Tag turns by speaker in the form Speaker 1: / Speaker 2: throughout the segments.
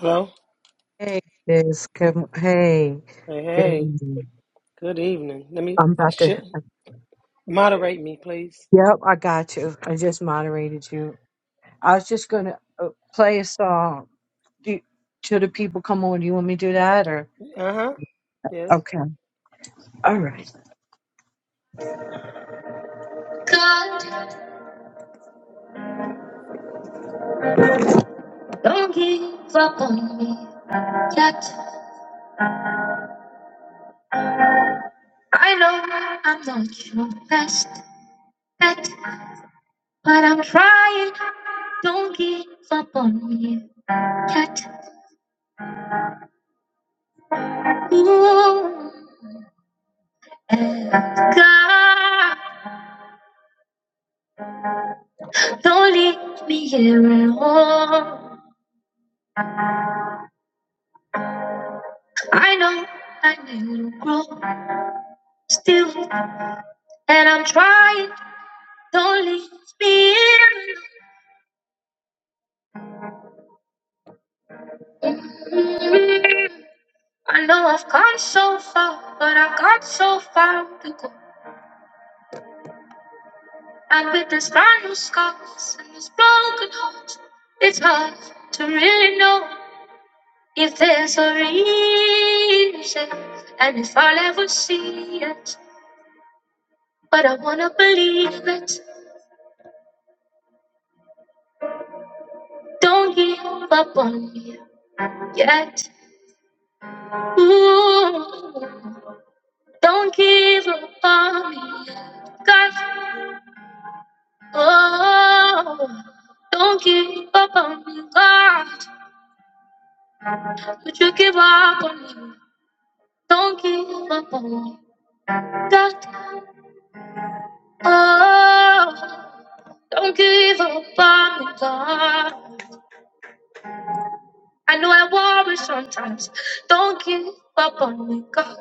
Speaker 1: Hello.
Speaker 2: Hey, this come. Hey,
Speaker 1: Hey,
Speaker 2: good
Speaker 1: hey.
Speaker 2: evening.
Speaker 1: Good evening. Let me
Speaker 2: I'm about to.
Speaker 1: sh- moderate me, please.
Speaker 2: Yep, I got you. I just moderated you. I was just gonna uh, play a song. Do, should the people come on? Do you want me to do that or?
Speaker 1: Uh huh. Yes.
Speaker 2: Okay. All right. God, don't give up on me yet. I know I'm not your best bet, but I'm trying. Don't give up on me yet. Ooh, and God. Don't leave me here alone. I know I'm a little grown still, and I'm trying. Don't leave me here alone. I know I've come so far, but I've got so far to go. And with these brand new scars and these broken hearts, it's hard to really know if there's a reason and if I'll ever see it. But I wanna believe it. Don't give up on me yet. Ooh, don't give up on me, yet, God. Oh, don't give up on me, God. Would you give up on me? Don't give up on me, God. Oh, don't give up on me, God. I know I worry sometimes. Don't give up on me, God.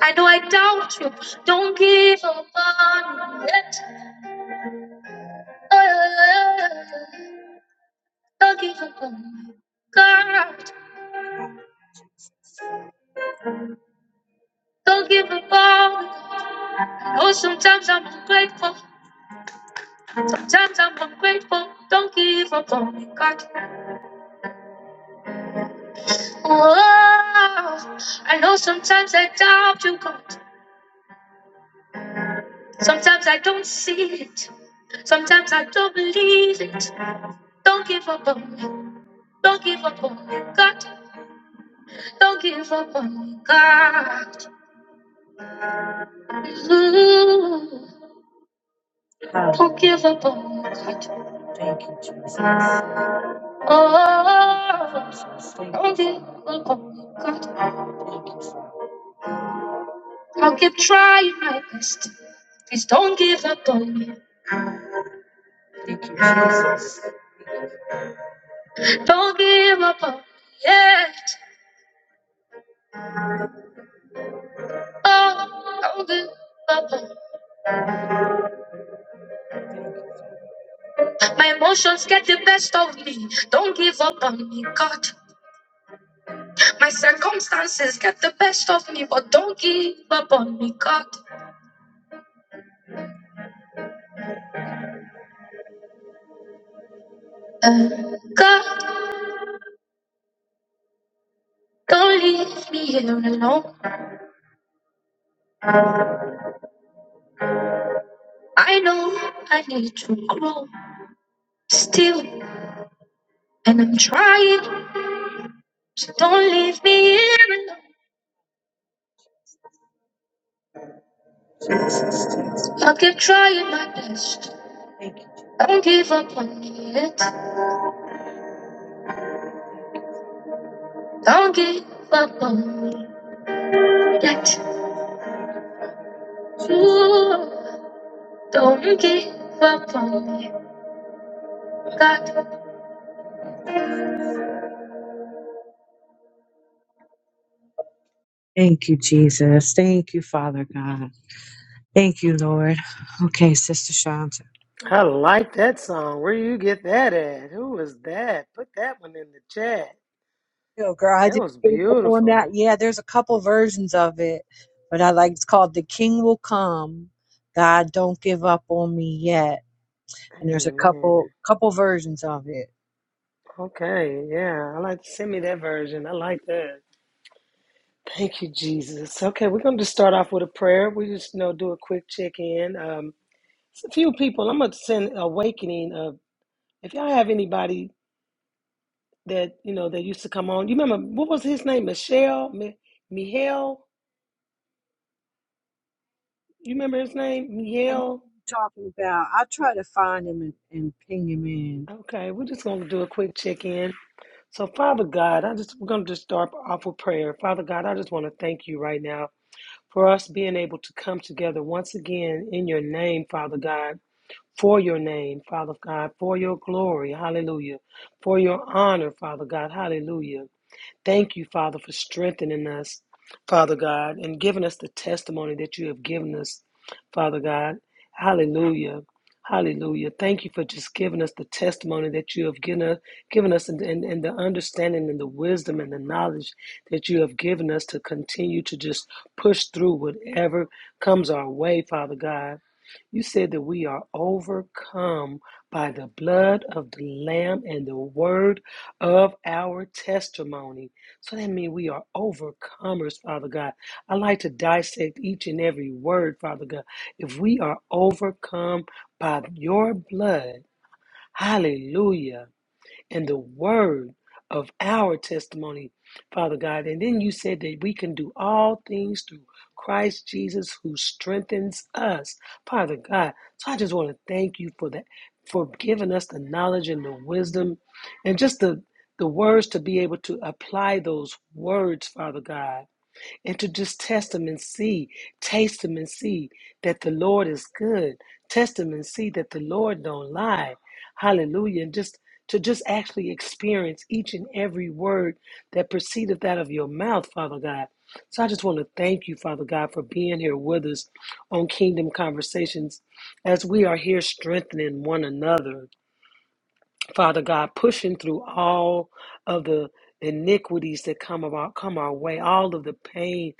Speaker 2: I know I doubt you. Don't give up on me yet. Don't give up on me. God, don't give up on me. I know sometimes I'm ungrateful. Sometimes I'm ungrateful. Don't give up on me, God. Oh, I know sometimes I doubt you, God. Sometimes I don't see it. Sometimes I don't believe it. Don't give up on me. Don't give up on me, God. Don't give up on me, God. Ooh, don't give up on me, God. Thank you, Jesus. Oh, don't give up on me, God. I'll keep trying my best. Please don't give up on me. Thank you, Jesus. Don't give up on me yet. Oh, don't give up on me. My emotions get the best of me. Don't give up on me, God. My circumstances get the best of me, but don't give up on me, God. Uh, God, don't leave me here alone. I know I need to grow still, and I'm trying, so don't leave me here alone. I'll keep trying my best. Don't give up on me yet. Don't give up on me yet. Ooh, don't give up on me, God. Thank you, Jesus. Thank you, Father God. Thank you, Lord. Okay, Sister Shanta.
Speaker 1: I like that song. Where you get that at? Who was that? Put that one in the chat.
Speaker 2: Yo, girl, I
Speaker 1: That
Speaker 2: just
Speaker 1: was
Speaker 2: gave up on that.
Speaker 1: beautiful.
Speaker 2: Yeah, there's a couple versions of it, but I like it's called "The King Will Come." God, don't give up on me yet. And there's a
Speaker 1: Amen.
Speaker 2: couple couple versions of it.
Speaker 1: Okay. Yeah. I like send me that version. I like that. Thank you, Jesus. Okay, we're gonna just start off with a prayer. We just you know do a quick check in. Um, it's a few people. I'm gonna send awakening of if y'all have anybody that you know that used to come on. You remember what was his name? Michelle, Mi- Mihail. You remember his name,
Speaker 2: I know
Speaker 1: Mihail?
Speaker 2: what you're talking about. I try to find him and, and ping him in.
Speaker 1: Okay, we're just gonna do a quick check in. So, Father God, I just we're gonna just start off with prayer. Father God, I just want to thank you right now for us being able to come together once again in your name, Father God. For your name, Father God, for your glory, hallelujah. For your honor, Father God, hallelujah. Thank you, Father, for strengthening us, Father God, and giving us the testimony that you have given us, Father God. Hallelujah. Hallelujah. Thank you for just giving us the testimony that you have given us, given us and, and, and the understanding and the wisdom and the knowledge that you have given us to continue to just push through whatever comes our way, Father God. You said that we are overcome by the blood of the Lamb and the word of our testimony. So that means we are overcomers, Father God. I like to dissect each and every word, Father God. If we are overcome by your blood, hallelujah and the word of our testimony, Father God. And then you said that we can do all things through Christ Jesus who strengthens us, Father God. So I just want to thank you for that, for giving us the knowledge and the wisdom and just the the words to be able to apply those words, Father God and to just test them and see, taste them and see that the Lord is good. Test them and see that the Lord don't lie. Hallelujah. And just to just actually experience each and every word that proceedeth out of your mouth, Father God. So I just want to thank you, Father God, for being here with us on Kingdom Conversations as we are here strengthening one another. Father God, pushing through all of the iniquities that come about come our way, all of the pain,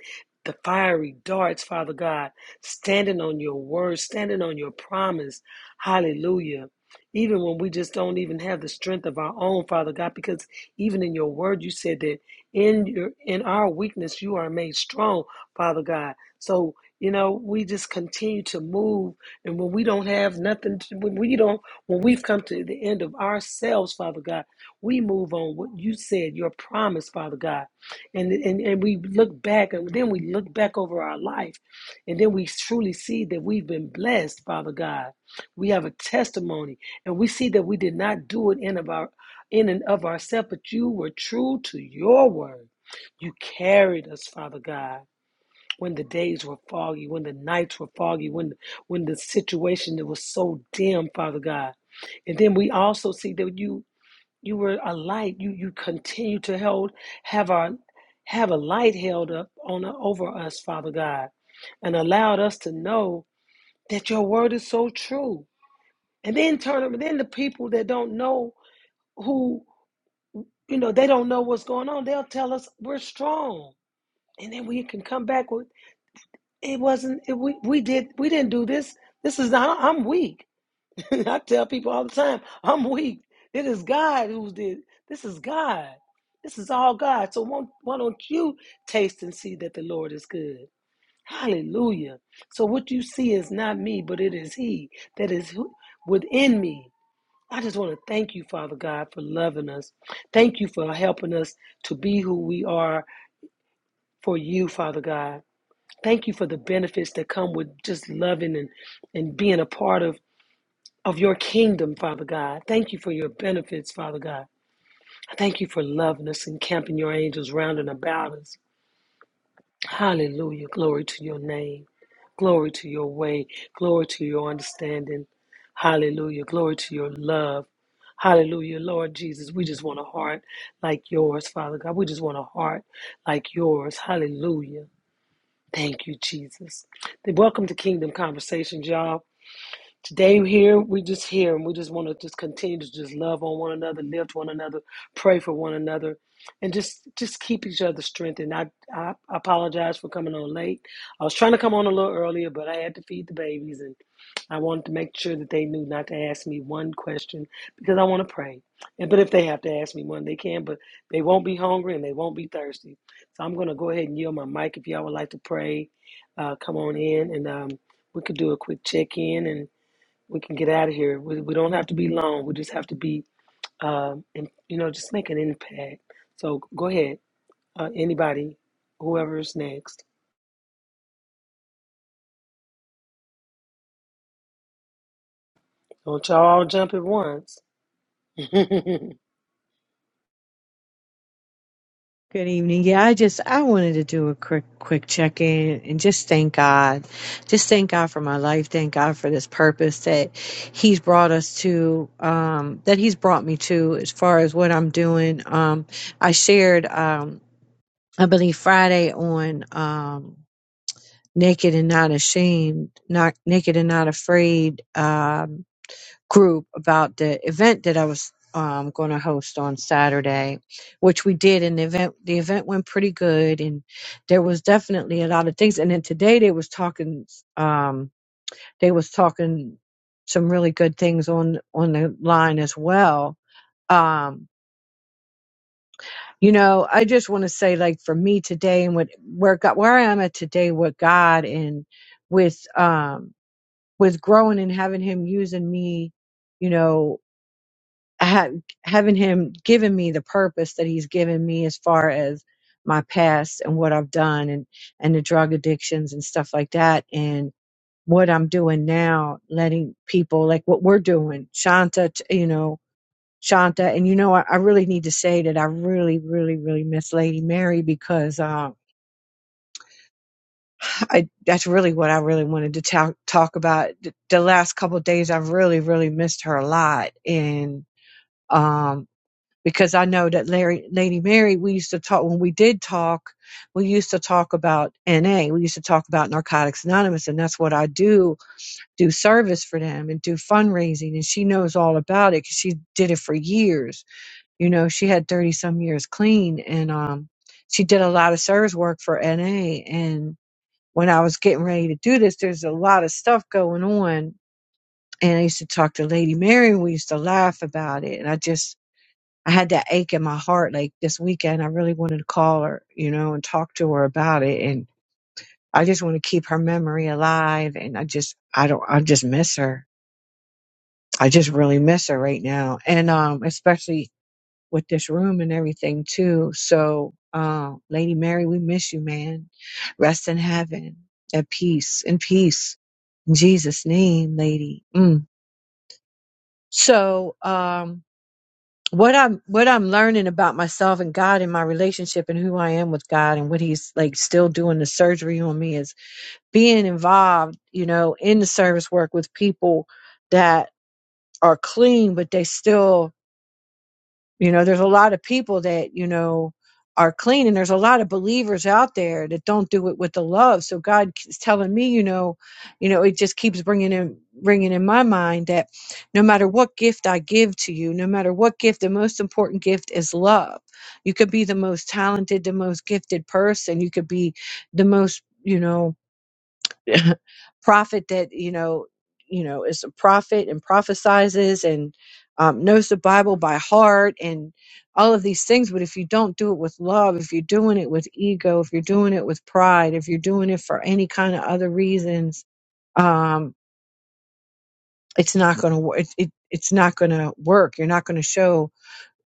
Speaker 1: the fiery darts, Father God, standing on your word, standing on your promise. Hallelujah. Even when we just don't even have the strength of our own, Father God, because even in your word you said that in your in our weakness you are made strong, Father God. So you know, we just continue to move, and when we don't have nothing, to, when we don't when we've come to the end of ourselves, Father God, we move on what you said, your promise, Father God. And, and, and we look back, and then we look back over our life, and then we truly see that we've been blessed, Father God. We have a testimony, and we see that we did not do it in, of our, in and of ourselves, but you were true to your word. You carried us, Father God when the days were foggy, when the nights were foggy, when when the situation was so dim, Father God. And then we also see that you you were a light. You you continue to hold have our have a light held up on over us, Father God, and allowed us to know that your word is so true. And then turn then the people that don't know who you know they don't know what's going on, they'll tell us we're strong. And then we can come back with It wasn't. It, we we did. We didn't do this. This is not. I'm weak. I tell people all the time. I'm weak. It is God who did. This is God. This is all God. So won't, why don't you taste and see that the Lord is good? Hallelujah. So what you see is not me, but it is He that is within me. I just want to thank you, Father God, for loving us. Thank you for helping us to be who we are for you, Father God. Thank you for the benefits that come with just loving and, and being a part of, of your kingdom, Father God. Thank you for your benefits, Father God. Thank you for loving us and camping your angels round and about us. Hallelujah. Glory to your name. Glory to your way. Glory to your understanding. Hallelujah. Glory to your love. Hallelujah. Lord Jesus, we just want a heart like yours, Father God. We just want a heart like yours. Hallelujah. Thank you, Jesus. Welcome to Kingdom Conversations, y'all. Today we're here, we just here and we just want to just continue to just love on one another, lift one another, pray for one another, and just just keep each other strengthened. I, I I apologize for coming on late. I was trying to come on a little earlier, but I had to feed the babies and I wanted to make sure that they knew not to ask me one question because I want to pray. And but if they have to ask me one, they can, but they won't be hungry and they won't be thirsty. So I'm gonna go ahead and yield my mic if y'all would like to pray. Uh, come on in and um, we could do a quick check in and we can get out of here. We, we don't have to be long. We just have to be, um, and, you know, just make an impact. So go ahead, uh, anybody, whoever's next. Don't y'all all jump at once,
Speaker 2: Good evening. Yeah, I just I wanted to do a quick quick check in and just thank God. Just thank God for my life. Thank God for this purpose that he's brought us to um that he's brought me to as far as what I'm doing. Um I shared um I believe Friday on um Naked and Not Ashamed, not Naked and Not Afraid. Um group about the event that I was um, going to host on Saturday, which we did, and the event the event went pretty good, and there was definitely a lot of things. And then today they was talking, um, they was talking some really good things on on the line as well. Um, you know, I just want to say, like for me today, and what where God, where I am at today with God, and with um, with growing and having Him using me, you know. ha- having him given me the purpose that he's given me as far as my past and what I've done and and the drug addictions and stuff like that and what I'm doing now, letting people like what we're doing, Shanta, t- you know, Shanta, and you know, I, I really need to say that I really, really, really miss Lady Mary because um, I that's really what I really wanted to talk talk about. The the last couple of days, I've really, really missed her a lot, and um because I know that Larry, Lady Mary, we used to talk when we did talk. We used to talk about NA. We used to talk about Narcotics Anonymous, and that's what I do do service for them and do fundraising. And she knows all about it because she did it for years. You know, she had thirty some years clean, and um, she did a lot of service work for NA. And when I was getting ready to do this, there's a lot of stuff going on. And I used to talk to Lady Mary, and we used to laugh about it. And I just I had that ache in my heart like this weekend. I really wanted to call her, you know, and talk to her about it. And I just want to keep her memory alive. And I just, I don't, I just miss her. I just really miss her right now. And, um, especially with this room and everything too. So, um, Lady Mary, we miss you, man. Rest in heaven at peace, in peace. In Jesus' name, lady. Mm. So, um, what I'm what I'm learning about myself and God and my relationship and who I am with God and what He's like still doing the surgery on me is being involved, you know, in the service work with people that are clean, but they still you know, there's a lot of people that, you know, are clean and there's a lot of believers out there that don't do it with the love. So God is telling me, you know, you know, it just keeps bringing in bringing in my mind that no matter what gift I give to you, no matter what gift, the most important gift is love. You could be the most talented, the most gifted person. You could be the most, you know, prophet that you know you know is a prophet and prophesizes and um, knows the bible by heart and all of these things but if you don't do it with love if you're doing it with ego if you're doing it with pride if you're doing it for any kind of other reasons um, it's not going to work it, it, it's not going to work you're not going to show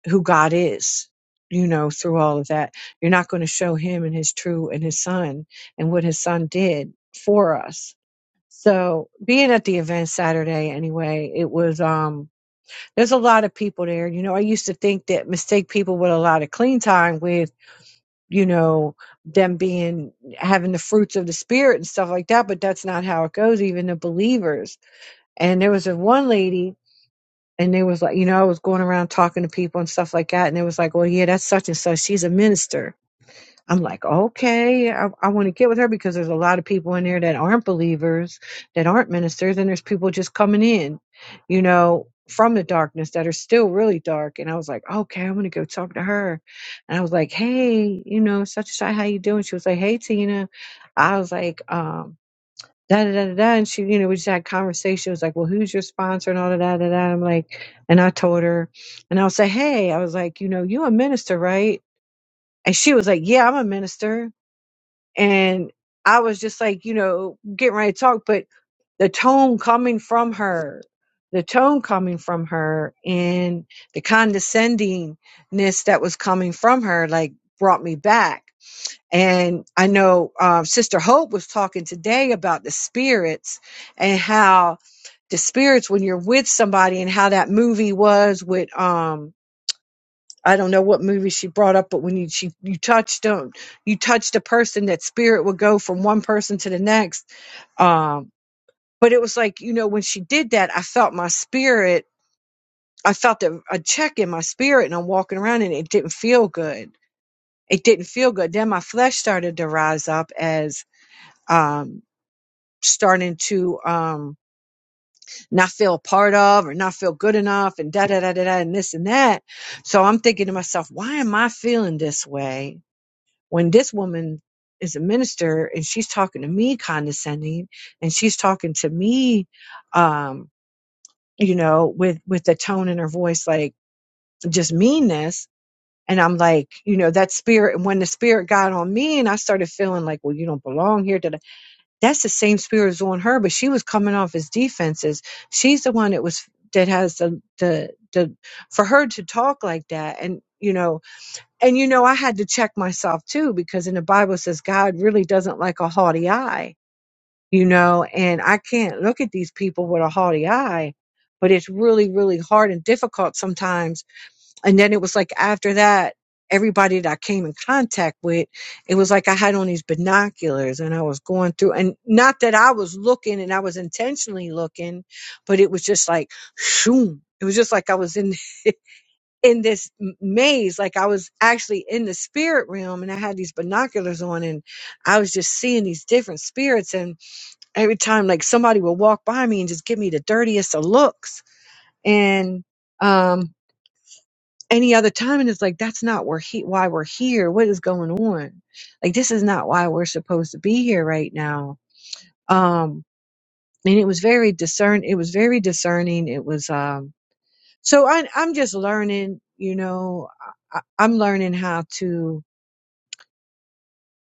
Speaker 2: who god is you know through all of that you're not going to show him and his true and his son and what his son did for us so being at the event Saturday anyway, it was um there's a lot of people there. You know, I used to think that mistake people with a lot of clean time with, you know, them being having the fruits of the spirit and stuff like that, but that's not how it goes, even the believers. And there was a one lady and they was like, you know, I was going around talking to people and stuff like that, and it was like, Well, yeah, that's such and such. She's a minister. I'm like, okay, I, I want to get with her because there's a lot of people in there that aren't believers, that aren't ministers, and there's people just coming in, you know, from the darkness that are still really dark. And I was like, okay, I'm gonna go talk to her. And I was like, hey, you know, such and such, how you doing? She was like, hey, Tina. I was like, um, da da da da. da. And she, you know, we just had conversation. It was like, well, who's your sponsor and all of that, da da. da. I'm like, and I told her, and I was like, hey, I was like, you know, you a minister, right? And she was like, yeah, I'm a minister and I was just like, you know, getting ready to talk, but the tone coming from her, the tone coming from her, and the condescendingness that was coming from her, like brought me back. And I know um, Sister Hope was talking today about the spirits and how the spirits, when you're with somebody, and how that movie was with um, I don't know what movie she brought up, but when you she you touched on you touched a person, that spirit would go from one person to the next. Um, but it was like you know when she did that, I felt my spirit. I felt a, a check in my spirit, and I'm walking around, and it didn't feel good. It didn't feel good. Then my flesh started to rise up as um, starting to um, not feel a part of, or not feel good enough, and da da da da da, and this and that. So I'm thinking to myself, why am I feeling this way? when this woman is a minister and she's talking to me condescending and she's talking to me um you know with with the tone in her voice like just meanness and i'm like you know that spirit and when the spirit got on me and i started feeling like well you don't belong here da-da, that's the same spirit as on her but she was coming off as defenses she's the one that was that has the the the for her to talk like that and you know and you know, I had to check myself too, because in the Bible it says God really doesn't like a haughty eye, you know, and I can't look at these people with a haughty eye, but it's really, really hard and difficult sometimes. And then it was like after that, everybody that I came in contact with, it was like I had on these binoculars and I was going through and not that I was looking and I was intentionally looking, but it was just like, shoom. It was just like I was in in this m- maze like i was actually in the spirit realm and i had these binoculars on and i was just seeing these different spirits and every time like somebody would walk by me and just give me the dirtiest of looks and um any other time and it's like that's not where he why we're here what is going on like this is not why we're supposed to be here right now um and it was very discern it was very discerning it was um So I, I'm just learning, you know, I, I'm learning how to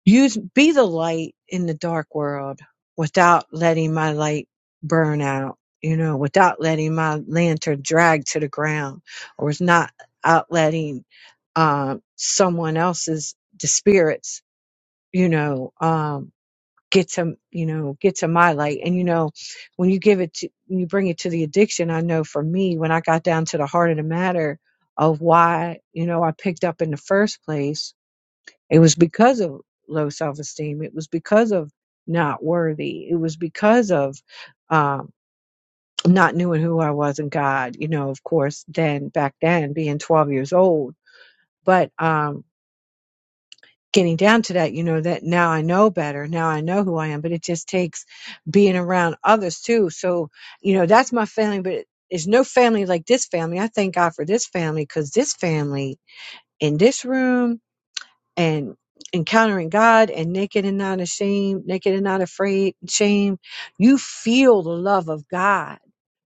Speaker 2: use, be the light in the dark world without letting my light burn out, you know, without letting my lantern drag to the ground or it's not out letting, um, someone else's, the spirits, you know, um, get to you know get to my light and you know when you give it to when you bring it to the addiction i know for me when i got down to the heart of the matter of why you know i picked up in the first place it was because of low self-esteem it was because of not worthy it was because of um not knowing who i was in god you know of course then back then being 12 years old but um getting down to that, you know, that now I know better. Now I know who I am, but it just takes being around others too. So, you know, that's my family, but there's no family like this family. I thank God for this family because this family in this room and encountering God and naked and not ashamed, naked and not afraid, shame, you feel the love of God.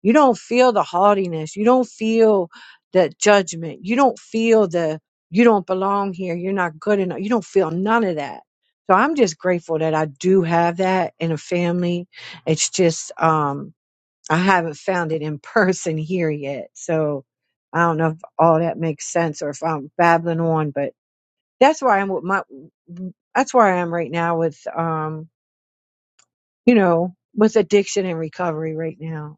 Speaker 2: You don't feel the haughtiness. You don't feel the judgment. You don't feel the you don't belong here. You're not good enough. You don't feel none of that. So I'm just grateful that I do have that in a family. It's just um I haven't found it in person here yet. So I don't know if all that makes sense or if I'm babbling on, but that's where I am with my, that's where I am right now with, um, you know, with addiction and recovery right now.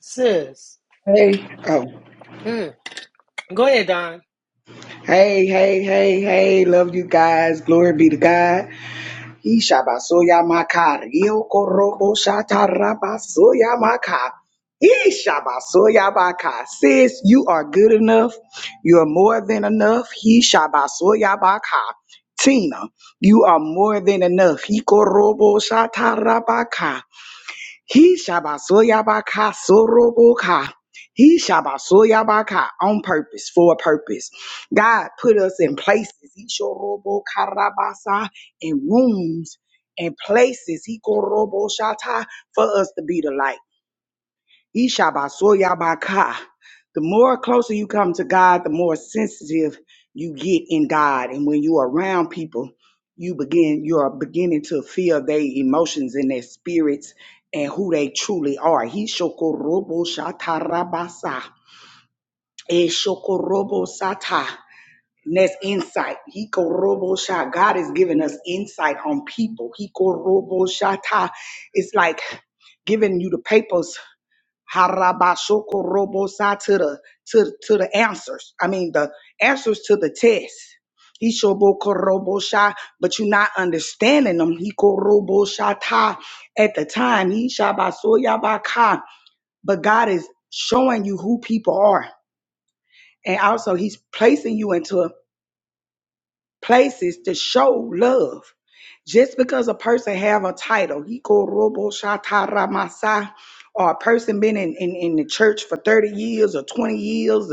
Speaker 1: sis.
Speaker 3: Hey, oh,
Speaker 1: Mm. Go ahead, Don.
Speaker 3: hey, hey, hey, hey, love you guys. Glory be to God. He shabasoya makar. Yo korobo shatarabasoya makar. He shabasoya Sis, you are good enough. You are more than enough. He shabasoya Tina, you are more than enough. Ikorobo korobo shatarabaka. He shabasoyabaka soroboka. He shabasoyabaka on purpose, for a purpose. God put us in places, he shorobokarabasa, in rooms and places, he koroboshata, for us to be the light. Ishabasoyabaka. The more closer you come to God, the more sensitive you get in God. And when you're around people, you begin you're beginning to feel their emotions and their spirits and who they truly are. He shokorobo shatarabasa. E shokorobo sata. And that's insight. He korobo sha. God is giving us insight on people. He korobo shata. It's like giving you the papers Harabashoko robosa to the to, to the answers. I mean the answers to the test. Ishoboko robosha, but you're not understanding them. Hiko roboshata at the time. Ishabasoyabaka. But God is showing you who people are. And also he's placing you into places to show love. Just because a person have a title, Hiko Robo Shatara Masa, or a person been in, in, in the church for 30 years or 20 years,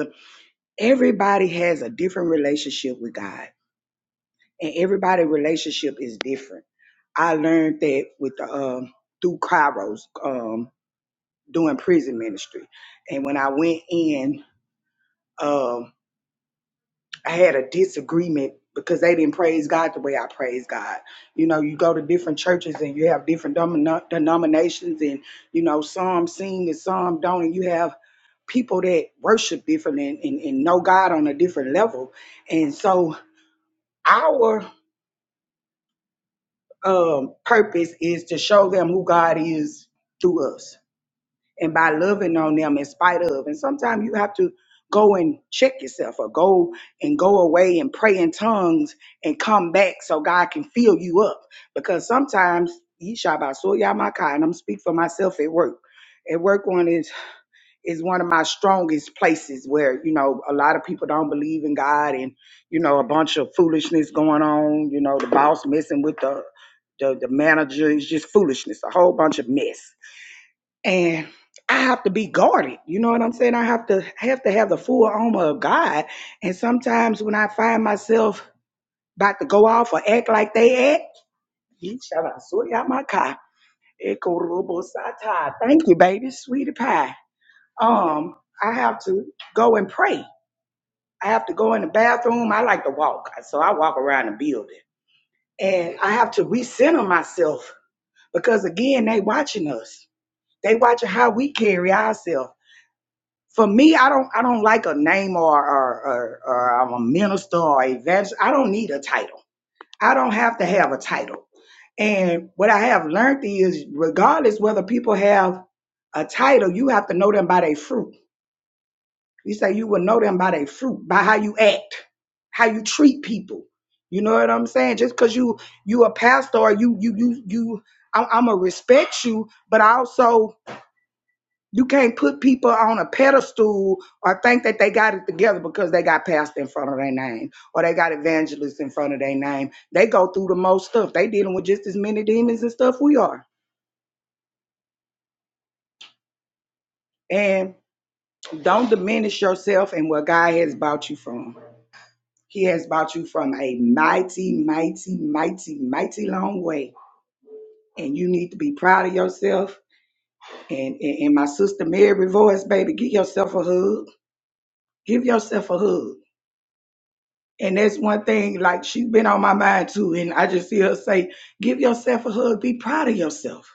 Speaker 3: everybody has a different relationship with God. And everybody's relationship is different. I learned that with the, um, through Kairos um, doing prison ministry. And when I went in, um. I had a disagreement because they didn't praise God the way I praise God. You know, you go to different churches and you have different domino- denominations, and you know, some sing and some don't, and you have people that worship different and, and, and know God on a different level. And so, our um, purpose is to show them who God is through us and by loving on them in spite of. And sometimes you have to go and check yourself or go and go away and pray in tongues and come back so God can fill you up. Because sometimes you shall by so y'all my kind. I'm speak for myself at work. At work one is is one of my strongest places where, you know, a lot of people don't believe in God and, you know, a bunch of foolishness going on, you know, the boss messing with the the, the manager is just foolishness, a whole bunch of mess and I have to be guarded. You know what I'm saying? I have to have to have the full armor of God. And sometimes when I find myself about to go off or act like they act, he shall I swear out my car. Echo robo sata. Thank you, baby, sweetie pie. Um, I have to go and pray. I have to go in the bathroom. I like to walk, so I walk around the building, and I have to recenter myself because again, they watching us. They watching how we carry ourselves for me, I don't I don't like a name or or, or, or I'm a minister or evangelist. I don't need a title. I don't have to have a title. And what I have learned is, regardless whether people have a title, you have to know them by their fruit. You say you will know them by their fruit, by how you act, how you treat people. You know what I'm saying? Just because you you a pastor, or you you you you, I'm, I'm gonna respect you, but I also you can't put people on a pedestal or think that they got it together because they got pastor in front of their name or they got evangelists in front of their name. They go through the most stuff. They dealing with just as many demons and stuff we are. And don't diminish yourself and what God has bought you from. He has bought you from a mighty, mighty, mighty, mighty long way. And you need to be proud of yourself. And and and my sister Mary voice, baby, give yourself a hug. Give yourself a hug And that's one thing, like she's been on my mind too. And I just see her say, give yourself a hug, be proud of yourself.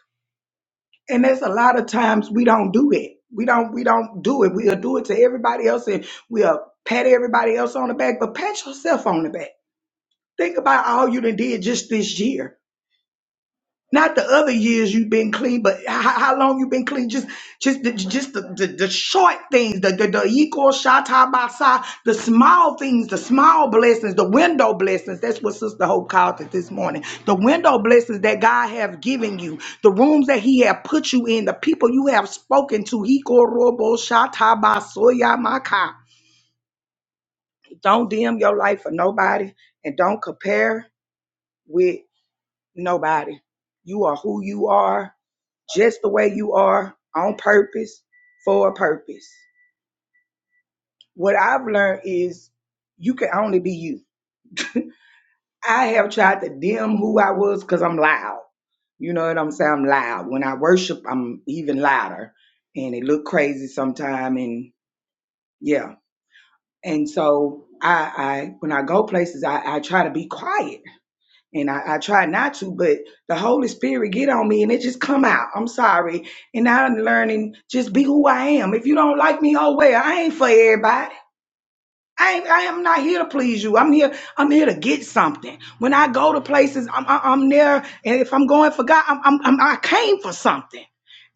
Speaker 3: And that's a lot of times we don't do it. We don't we don't do it. We'll do it to everybody else and we'll pat everybody else on the back, but pat yourself on the back. Think about all you done did just this year. Not the other years you've been clean, but how, how long you have been clean? Just, just, the, just the, the, the short things, the the, the equal shata basa, the small things, the small blessings, the window blessings. That's what Sister Hope called it this morning. The window blessings that God have given you, the rooms that He have put you in, the people you have spoken to. Hiko robo shata basoya maka. Don't dim your life for nobody, and don't compare with nobody. You are who you are just the way you are on purpose for a purpose. What I've learned is you can only be you. I have tried to dim who I was because I'm loud. You know what I'm saying? I'm loud. When I worship, I'm even louder, and it look crazy sometime. And yeah, and so I, I when I go places, I, I try to be quiet and I, I try not to, but the Holy Spirit get on me and it just come out. I'm sorry. And I'm learning just be who I am. If you don't like me, oh well, I ain't for everybody. I, ain't- I am not here to please you. I'm here. I'm here to get something. When I go to places, I'm, I- I'm there, and if I'm going for God, I'm, I'm, I'm I came for something.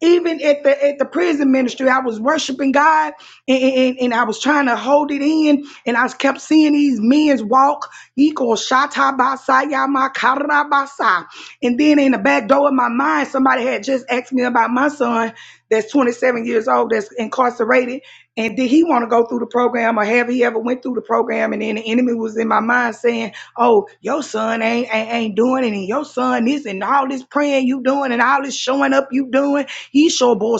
Speaker 3: Even at the at the prison ministry, I was worshiping God, and, and, and I was trying to hold it in, and I kept seeing these men's walk. Equal shata basa yama karabasa, and then in the back door of my mind, somebody had just asked me about my son, that's 27 years old that's incarcerated and did he want to go through the program or have he ever went through the program and then the enemy was in my mind saying oh your son ain't ain't, ain't doing it and your son this and all this praying you doing and all this showing up you doing he sure boy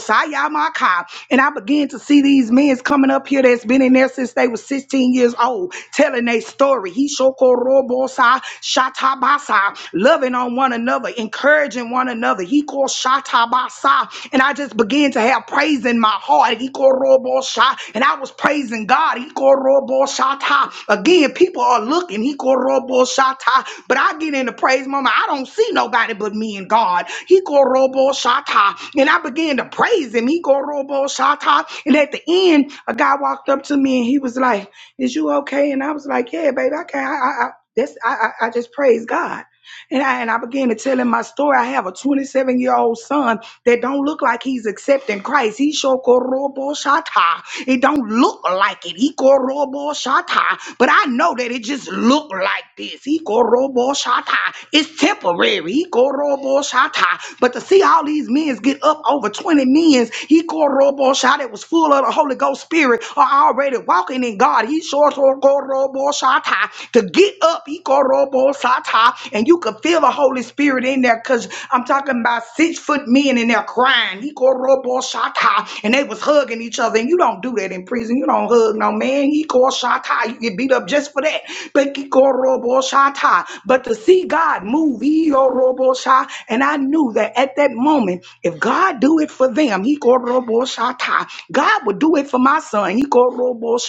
Speaker 3: my car and i began to see these men coming up here that's been in there since they was 16 years old telling their story he sure robo sa shatabasa loving on one another, encouraging one another. He called Shatabasa. And I just began to have praise in my heart. He called Robosha. And I was praising God. He called Roboshata. Again, people are looking. He called Roboshata. But I get in the praise moment. I don't see nobody but me and God. He called Roboshata. And I began to praise him. He called Roboshata. And at the end, a guy walked up to me and he was like, Is you okay? And I was like, Yeah, baby, I can't. I, I, I, that's, I, I I just praise God. And I, and I began to tell him my story. I have a 27 year old son that don't look like he's accepting Christ. He shokorobo shata. It don't look like it. He korobo shata. But I know that it just look like this. He korobo shata. It's temporary. He korobo shata. But to see all these men get up over 20 men, he korobo shata. It was full of the Holy Ghost Spirit are already walking in God. He shokorobo shata. To get Get up, Ikorobo Sata, and you could feel the Holy Spirit in there because I'm talking about six foot men in there crying, Ikorobo Sata, and they was hugging each other. And you don't do that in prison. You don't hug no man. Ikor Sata, you get beat up just for that. But Ikorobo Sata, but to see God move, Ikorobo Sata, and I knew that at that moment, if God do it for them, Ikorobo Sata, God would do it for my son. Ikorobo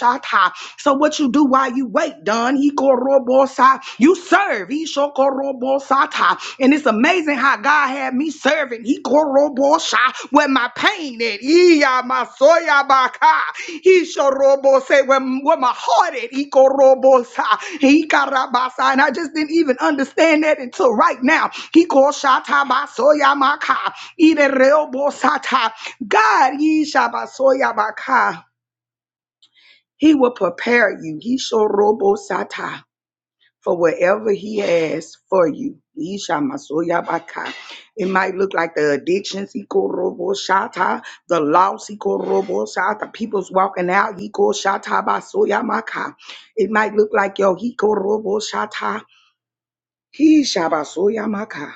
Speaker 3: So. So what you do while you wait, Don? He korobosa. You serve. He shokorobosata. And it's amazing how God had me serving. He korobosa where my pain at. Iya masoya baka. He shorobose where, where my heart at. He korobosa. He karabasa. And I just didn't even understand that until right now. He koshata basoya maka. Ide reobosata. God, He shabasoya baka. He will prepare you. He shall robo sata for whatever he has for you. He shall masoya baka. It might look like the addictions, he call robo shata, the loss, he call robo shata, people's walking out, he call shata basoya maka. It might look like your he call robo shata, he shabasoya maka.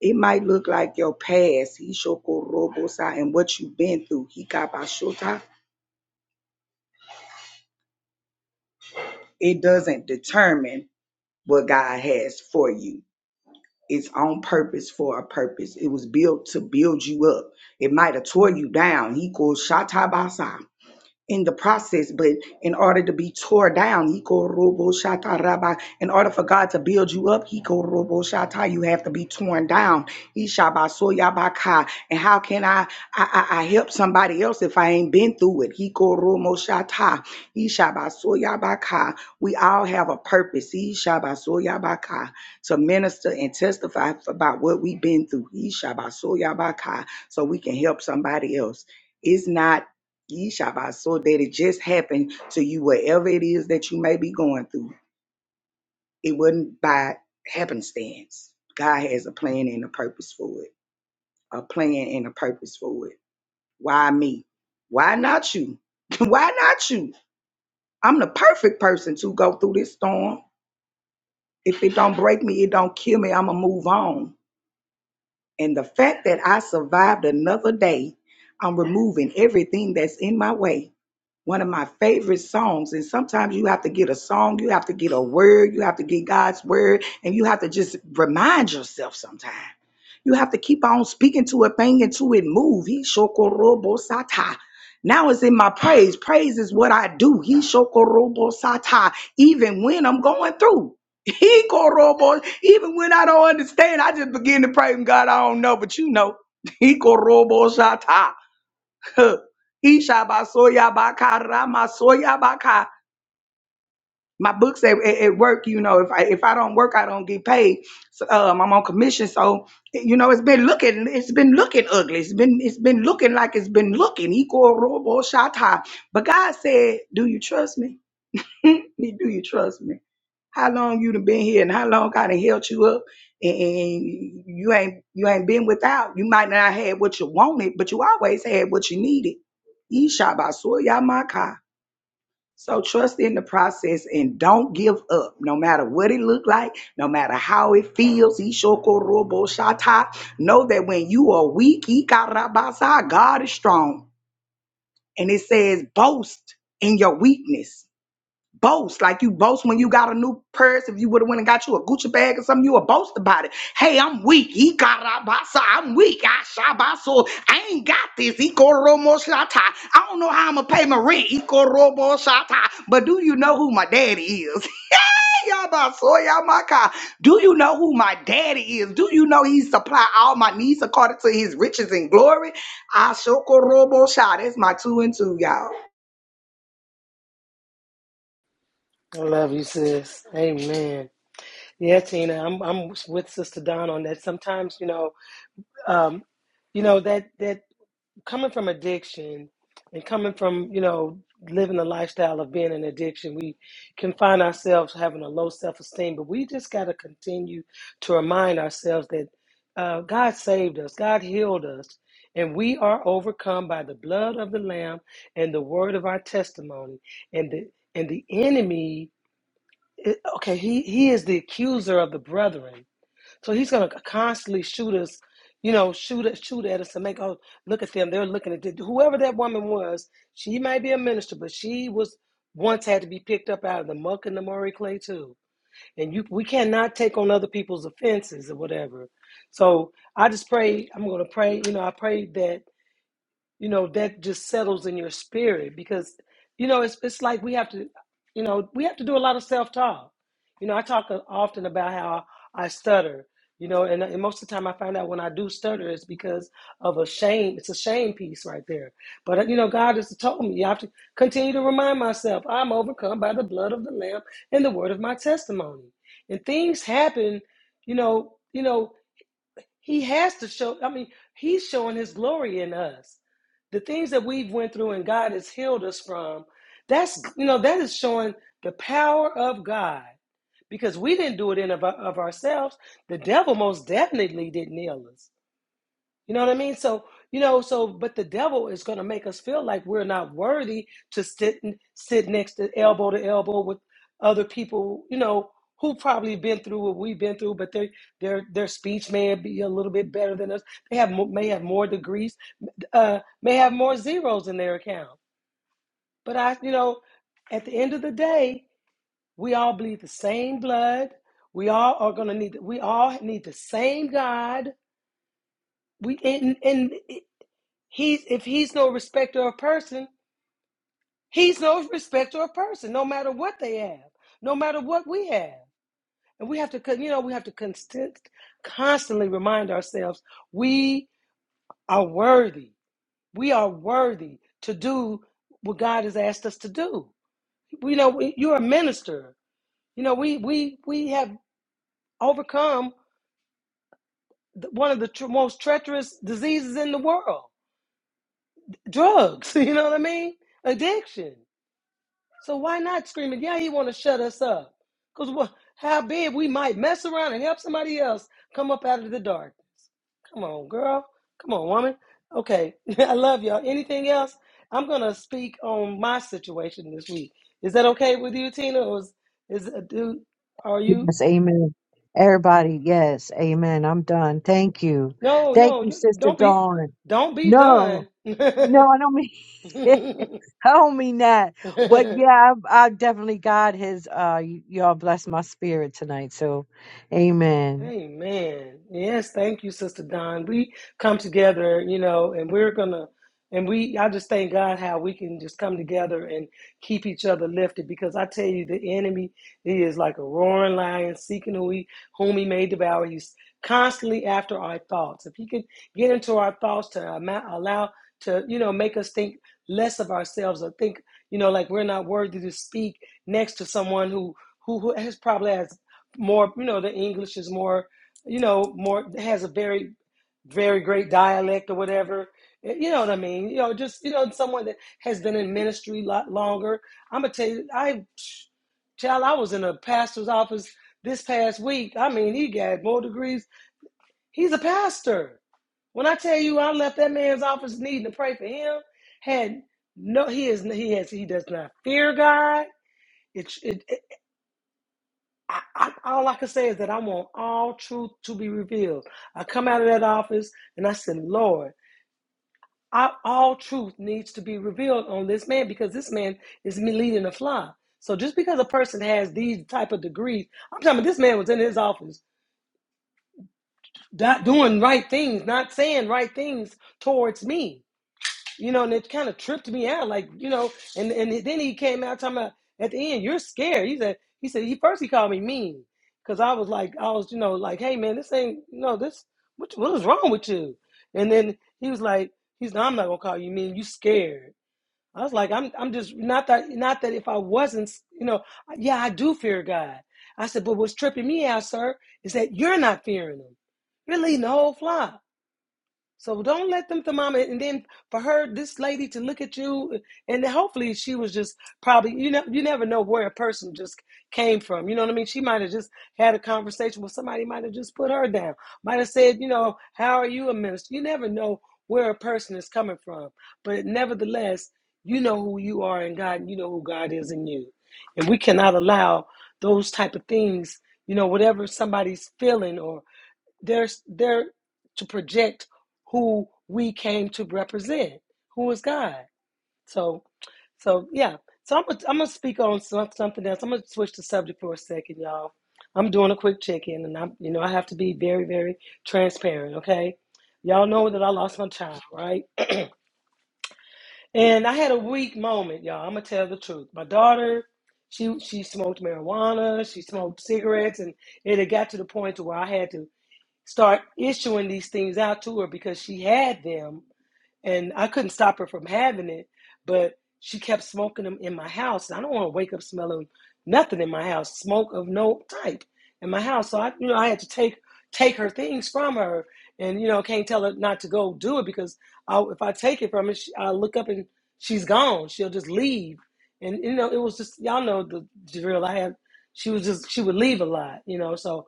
Speaker 3: It might look like your past, he shoko robo sa, and what you've been through, he kabashota. It doesn't determine what God has for you It's on purpose for a purpose. It was built to build you up. It might have tore you down. He called Shatabasa in the process, but in order to be tore down, hiko robo shata rabba, in order for God to build you up, hiko robo shata, you have to be torn down. Ishaba soya baka. And how can I, I, I, I help somebody else if I ain't been through it? Hiko romo shata, ishaba soya baka. We all have a purpose, ishaba soya baka, to minister and testify about what we've been through, ishaba soya baka, so we can help somebody else. It's not Yeshabbat, that it just happened to you, whatever it is that you may be going through. It wasn't by happenstance. God has a plan and a purpose for it. A plan and a purpose for it. Why me? Why not you? Why not you? I'm the perfect person to go through this storm. If it don't break me, it don't kill me, I'ma move on. And the fact that I survived another day, I'm removing everything that's in my way one of my favorite songs. And sometimes you have to get a song, you have to get a word, you have to get God's word, and you have to just remind yourself sometimes. You have to keep on speaking to a thing until it move. He shokorobosata. Now it's in my praise. Praise is what I do. He shokorobosata. Even when I'm going through. He korobo. Even when I don't understand, I just begin to pray. God, I don't know, but you know. He korobosata. Huh. Ishabasoyabakaramasoyabaka. My books at, at, at work, you know, if I if I don't work, I don't get paid. So, um, I'm on commission, so you know it's been looking it's been looking ugly. It's been it's been looking like it's been looking. He go robo shata. But God said, "Do you trust me? do you trust me?" How long you done been here and how long I done held you up and, and you ain't you ain't been without. You might not had what you wanted, but you always had what you needed. Yeshabasuyamaka. So trust in the process and don't give up, no matter what it look like, no matter how it feels. Ishokoroboshata. Know that when you are weak, Ikarabasa, God is strong. And it says, boast in your weakness boast like you boast when you got a new purse if you would have went and got you a gucci bag or something you would boast about it hey i'm weak he got out by so i'm weak i shot by so i ain't got this he romo shata i don't know how i'm gonna pay my rent he romo shata but do you know who my daddy is y'all about so y'all my car do you know who my daddy is do you know he supply all my needs according to his riches and glory i shoko robo shot that's my two and two y'all
Speaker 1: I love you, sis. Amen. Yeah, Tina, I'm I'm with Sister Don on that. Sometimes, you know, um, you know that that. coming from addiction and coming from you know living the lifestyle of being an addiction we can find ourselves having a low self-esteem but we just got to continue to remind ourselves that uh, god saved us god healed us and we are overcome by the blood of the lamb and the word of our testimony and the and the enemy eh, okay he he is the accuser of the brethren so he's gonna constantly shoot us, you know, shoot us, shoot at us and make oh look at them. They're looking at the- whoever that woman was. She might be a minister, but she was once had to be picked up out of the muck and the Murray clay too. And you, we cannot take on other people's offenses or whatever. So I just pray. I'm gonna pray. You know, I pray that you know that just settles in your spirit because you know it's it's like we have to you know we have to do a lot of self talk you know i talk uh, often about how i stutter you know and, and most of the time i find out when i do stutter it's because of a shame it's a shame piece right there but uh, you know god has told me i have to continue to remind myself i'm overcome by the blood of the lamb and the word of my testimony and things happen you know you know he has to show, I mean, he's showing his glory in us. The things that we've went through and God has healed us from, that's, you know, that is showing the power of God because we didn't do it in of, of ourselves. The devil most definitely didn't heal us. You know what I mean? So, you know, so but the devil is going to make us feel like we're not worthy to sit and sit next to elbow to elbow with other people, you know, who probably been through what we've been through, but their their their speech may be a little bit better than us. They have mo- may have more degrees, uh, may have more zeros in their account. But I, you know, at the end of the day, we all bleed the same blood. We all are going to need. We all need the same God we and, and He's if he's no respecter of person, he's no respecter of person, no matter what they have, no matter what we have. And we have to you know, we have to constant, constantly remind ourselves we are worthy. We are worthy to do what God has asked us to do. You know, we- you're a minister. You know, we we we have overcome one of the tr- most treacherous diseases in the world, drugs. You know what I mean? Addiction. So why not screaming? Yeah, he want to shut us up. Cause what? How big we might mess around and help somebody else come up out of the dark. Come on, girl. Come on, woman. Okay, I love y'all. Anything else? I'm gonna speak on my situation this week. Is that okay with you, Tina? Or is is uh, do? Are you?
Speaker 2: Yes. Amen. Everybody. Yes. Amen. I'm done. Thank you.
Speaker 1: No,
Speaker 2: Thank
Speaker 1: no.
Speaker 2: you,
Speaker 1: you-
Speaker 2: Sister
Speaker 1: Don't be.
Speaker 2: Dawn.
Speaker 1: Don't be
Speaker 2: No,
Speaker 1: done.
Speaker 2: no, I don't mean, I don't mean that. But yeah, I, I definitely, God has, uh, y- y'all blessed my spirit tonight. So, amen.
Speaker 1: Amen. Yes, thank you, Sister Don. We come together, you know, and we're gonna, and we, I just thank God how we can just come together and keep each other lifted because I tell you, the enemy, he is like a roaring lion seeking who he, whom he may devour. He's constantly after our thoughts. If he can get into our thoughts to ama- allow, to, you know, make us think less of ourselves or think, you know, like we're not worthy to speak next to someone who, who, who has probably has more you know the english is more you know more has a very very great dialect or whatever Eh, you know what i mean you know just you know someone that has been in ministry a lot longer i'm gonna tell you i child i was in a pastor's office this past week i mean he got more degrees he's a pastor when i tell you i left that man's office needing to pray for him had no he is he has he does not fear god it. it, I, I, all I can say is that I want all truth to be revealed. I come out of that office and I said, Lord, I, all truth needs to be revealed on this man because this man is me leading a fly. So just because a person has these type of degrees, I'm talking about this man was in his office, not doing right things, not saying right things towards me. you know, and it kind of tripped me out, like you know, and and then he came out talking about at the end, you're scared. He said, he said he first he called me mean because I was like, I was you know like, hey man, this ain't you know this what what is wrong with you? And then he was like, he's like, I'm not gonna call you mean. You scared. I was like, I'm I'm just not that not that if I wasn't you know yeah I do fear God. I said, but what's tripping me out, sir, is that you're not fearing him. You're leading the whole flock. So don't let them to mama. And then for her, this lady to look at you, and then hopefully she was just probably you know you never know where a person just came from. You know what I mean? She might have just had a conversation with somebody. Might have just put her down. Might have said, you know, how are you a minister? You never know where a person is coming from. But nevertheless, you know who you are in God, and you know who God is in you. And we cannot allow those type of things. You know, whatever somebody's feeling or they're they're to project who we came to represent, who is God. So, so yeah. So I'm gonna, I'm gonna speak on some, something else. I'm gonna switch the subject for a second, y'all. I'm doing a quick check-in, and I'm you know I have to be very very transparent. Okay, y'all know that I lost my child, right? And I had a weak moment, y'all. I'm gonna tell the truth. My daughter, she she smoked marijuana, she smoked cigarettes, and it had got to the point to where I had to start issuing these things out to her because she had them and I couldn't stop her from having it, but she kept smoking them in my house. And I don't want to wake up smelling nothing in my house, smoke of no type in my house. So I you know I had to take take her things from her and you know can't tell her not to go do it because I, if I take it from her, she, I look up and she's gone. She'll just leave. And you know it was just y'all know the drill. I had she was just she would leave a lot, you know. So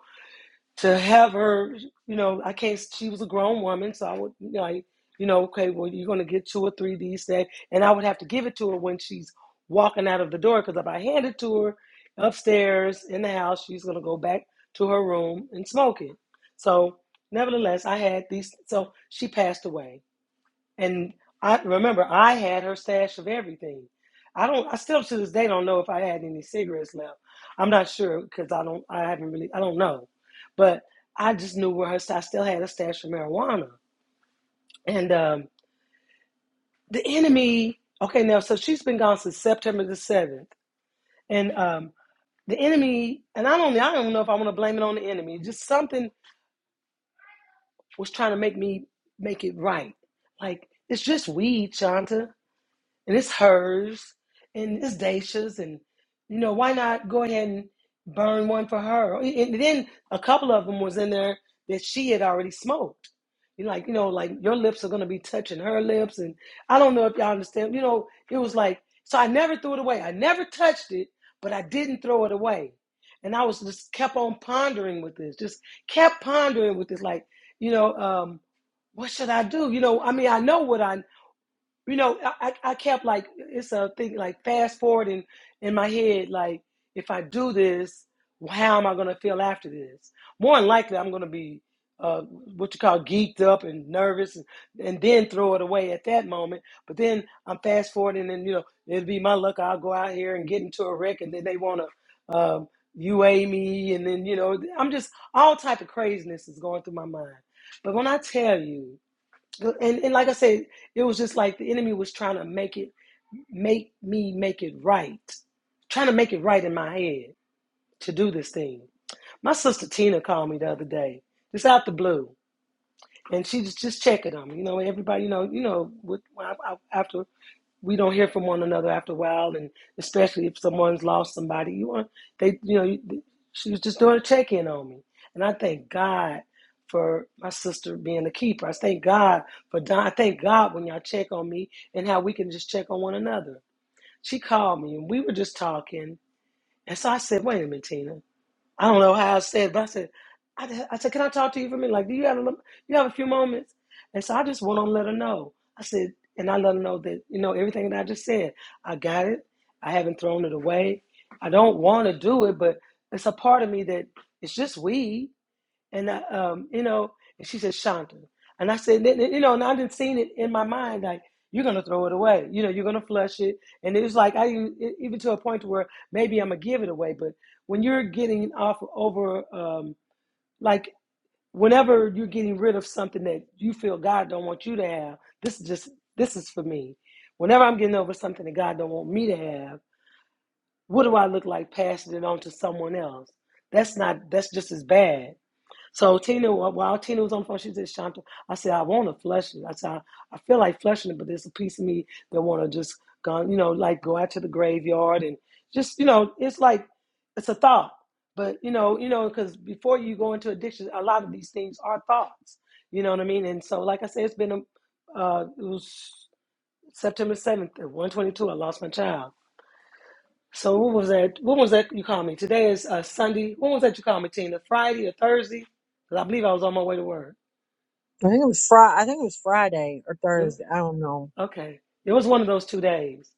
Speaker 1: to have her, you know, I can't. She was a grown woman, so I would, you know, I, you know, okay, well, you're gonna get two or three these days, and I would have to give it to her when she's walking out of the door, because if I hand it to her upstairs in the house, she's gonna go back to her room and smoke it. So, nevertheless, I had these. So she passed away. And I remember I had her stash of everything. I don't. I still to this day don't know if I had any cigarettes left. I'm not sure because I don't. I haven't really. I don't know. But I just knew where her. I still had a stash of marijuana. And um, the enemy. Okay, now so she's been gone since September the seventh, and um, the enemy. And I don't. I don't know if I want to blame it on the enemy. Just something was trying to make me make it right. Like it's just weed, Shanta. and it's hers and it's Dacia's and you know why not go ahead and burn one for her and then a couple of them was in there that she had already smoked you like you know like your lips are going to be touching her lips and i don't know if y'all understand you know it was like so i never threw it away i never touched it but i didn't throw it away and i was just kept on pondering with this just kept pondering with this like you know um what should i do you know i mean i know what i you know, I, I kept like it's a thing like fast forwarding in my head, like if I do this, how am I gonna feel after this? More than likely, I'm gonna be uh, what you call geeked up and nervous, and, and then throw it away at that moment. But then I'm fast forwarding, and you know, it'll be my luck. I'll go out here and get into a wreck, and then they wanna um, UA me, and then you know, I'm just all type of craziness is going through my mind. But when I tell you and, and like I said, it was just like the enemy was trying to make it, make me make it right, trying to make it right in my head to do this thing. My sister Tina called me the other day, just out the blue, and she was just checking on me. You know, everybody, you know, you know, with, after we don't hear from one another after a while, and especially if someone's lost somebody, you want they, you know, you- she was just doing a check in on me, and I thank God for my sister being a keeper. I thank God for Don. I thank God when y'all check on me and how we can just check on one another. She called me, and we were just talking, and so I said, "Wait a minute, Tina." I don't know how I said, but I said, I, said- said, can I talk to you for a minute? Like, do you have a, you have a few moments? And so I just went on and let her know. I said, and I let her know that, you know, everything that I just said, I got it. I haven't thrown it away. I don't want to do it, but it's a part of me that it's just weed. And I, um, you know, and she said, Shonda. And I said, "N- n- you know, and I didn't see it in my mind, like, you're going to throw it away. You know, you're going to flush it. And it was like, I even e, even to a point where maybe I'm going to give it away. But when you're getting off over, um, like, whenever you're getting rid of something that you feel God don't want you to have, this is just, this is for me. Whenever I'm getting over something that God don't want me to have, what do I look like passing it on to someone else? That's not, that's just as bad so Tina, while Tina was on the phone, she said, "Shanta, I said I want to flush it. I said I, I feel like flushing it, but there's a piece of me that want to just go, you know, like go out to the graveyard and just, you know, it's like it's a thought. But you know, you know, because before you go into addiction, a lot of these things are thoughts. You know what I mean? And so, like I said, it's been a, uh, it was September seventh at one twenty two. I lost my child so what was that? When was that you called me? Today is uh, Sunday. When was that you called me, Tina? Friday or Thursday? Cause I believe I was on my way to work.
Speaker 2: I think it was Friday. I think it was Friday or
Speaker 1: Huh?
Speaker 2: Thursday. I don't know.
Speaker 1: Okay. It was one of those two days.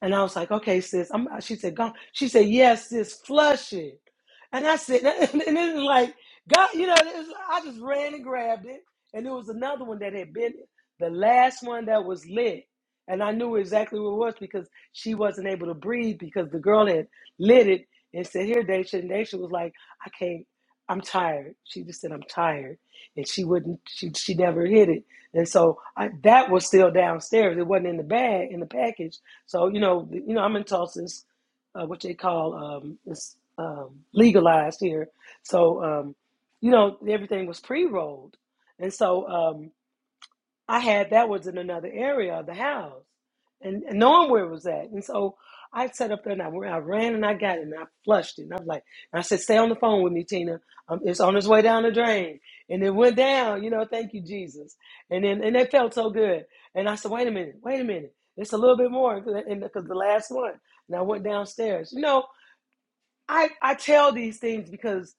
Speaker 1: And I was like, okay, sis. I'm, she said, go. She said, yes, sis, flush it. And I said, and, it was like, God, you know, it was, I just ran and grabbed it. And there was another one that had been the last one that was lit. And I knew exactly what it was because she wasn't able to breathe because the girl had lit it and said, here, Daisha. And Daisha was like, I can't, I'm tired. She just said, I'm tired and she wouldn't she she never hit it and so I, that was still downstairs it wasn't in the bag in the package so you know you know i'm in tulsa's uh, what they call um it's um legalized here so um you know everything was pre-rolled and so um, I had that was in another area of the house, and, and knowing where it was at, and so I sat up there and I, I ran and I got it and I flushed it. And i was like, and I said, "Stay on the phone with me, Tina. Um, it's on its way down the drain." And it went down. You know, thank you, Jesus. And then and it felt so good. And I said, "Wait a minute, wait a minute. It's a little bit more because the last one." And I went downstairs. You know, I I tell these things because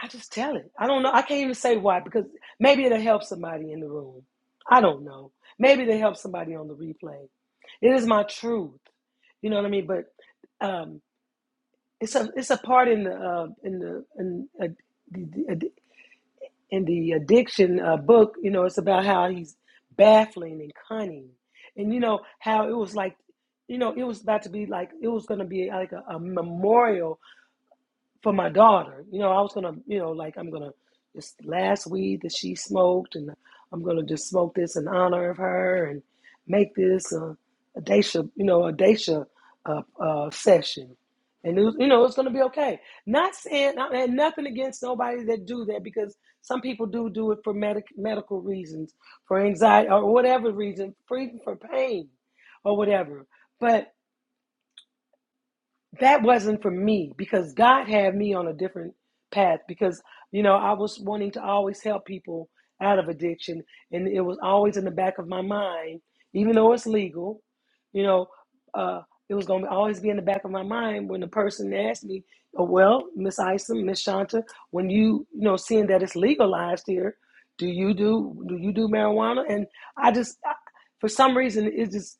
Speaker 1: I just tell it. I don't know. I can't even say why because maybe it'll help somebody in the room. I don't know. Maybe it'll help somebody on the replay. It is my truth. You know what I mean? But um, it's a it's a part in the uh, in the in, uh, the- in the addiction uh, book. You know, it's about how he's baffling and cunning, and you know how it was like. You know, it was about to be like it was going to be like a, a memorial for my daughter. You know, I was gonna, you know, like I'm gonna this last weed that she smoked, and I'm gonna just smoke this in honor of her, and make this a, a Daisha, you know, a Daisha uh, uh, session, and it was, you know, it's gonna be okay. Not saying I had nothing against nobody that do that because some people do do it for medic, medical reasons, for anxiety or whatever reason, for even for pain or whatever, but that wasn't for me because God had me on a different path because you know I was wanting to always help people out of addiction and it was always in the back of my mind even though it's legal you know uh it was going to always be in the back of my mind when the person asked me oh, well miss Isom miss Shanta when you you know seeing that it's legalized here do you do do you do marijuana and I just I, for some reason it just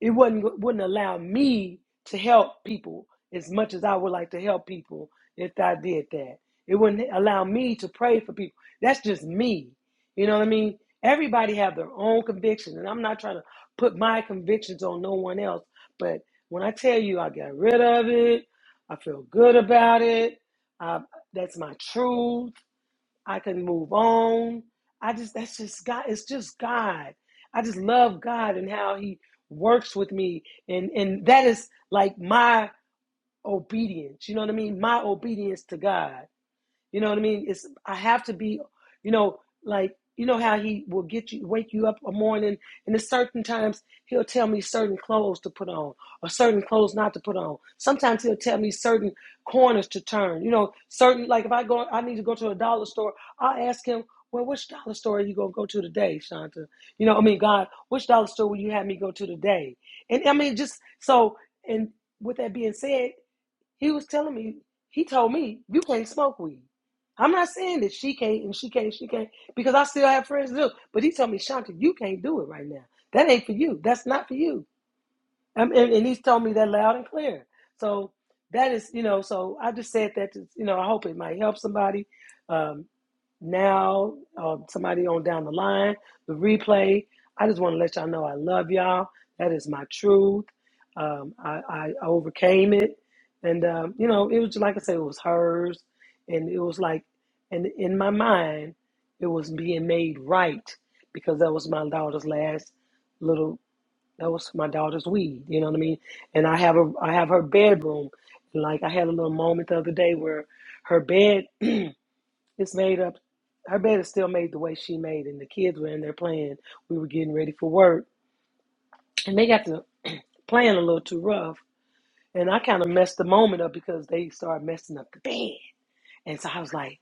Speaker 1: it would not wouldn't allow me to help people as much as I would like to help people if I did that. It wouldn't allow me to pray for people. That's just me. You know what I mean? Everybody have their own convictions, and I'm not trying to put my convictions on no one else. But when I tell you I got rid of it, I feel good about it. I, that's my truth. I can move on. I just that's just God. It's just God. I just love God and how He works with me, and and that is like my obedience. You know what I mean? My obedience to God. You know what I mean? It's I have to be, you know, like you know how he will get you wake you up a morning and at certain times he'll tell me certain clothes to put on or certain clothes not to put on. Sometimes he'll tell me certain corners to turn. You know, certain like if I go I need to go to a dollar store, I'll ask him, Well, which dollar store are you gonna go to today, Shanta? You know, I mean God, which dollar store will you have me go to today? And I mean just so and with that being said, he was telling me, he told me, you can't smoke weed. I'm not saying that she can't and she can't, she can't, because I still have friends that do. But he told me, Shanta, you can't do it right now. That ain't for you. That's not for you. Um, and, and he's told me that loud and clear. So that is, you know, so I just said that, to, you know, I hope it might help somebody. Um, now, uh, somebody on down the line, the replay. I just want to let y'all know I love y'all. That is my truth. Um, I, I overcame it, and um, you know, it was just like I said, it was hers, and it was like, and in my mind, it was being made right because that was my daughter's last little. That was my daughter's weed. You know what I mean? And I have a, I have her bedroom. Like I had a little moment the other day where her bed it's made up. Her bed is still made the way she made, and the kids were in there playing. We were getting ready for work, and they got to playing a little too rough. And I kind of messed the moment up because they started messing up the bed. And so I was like,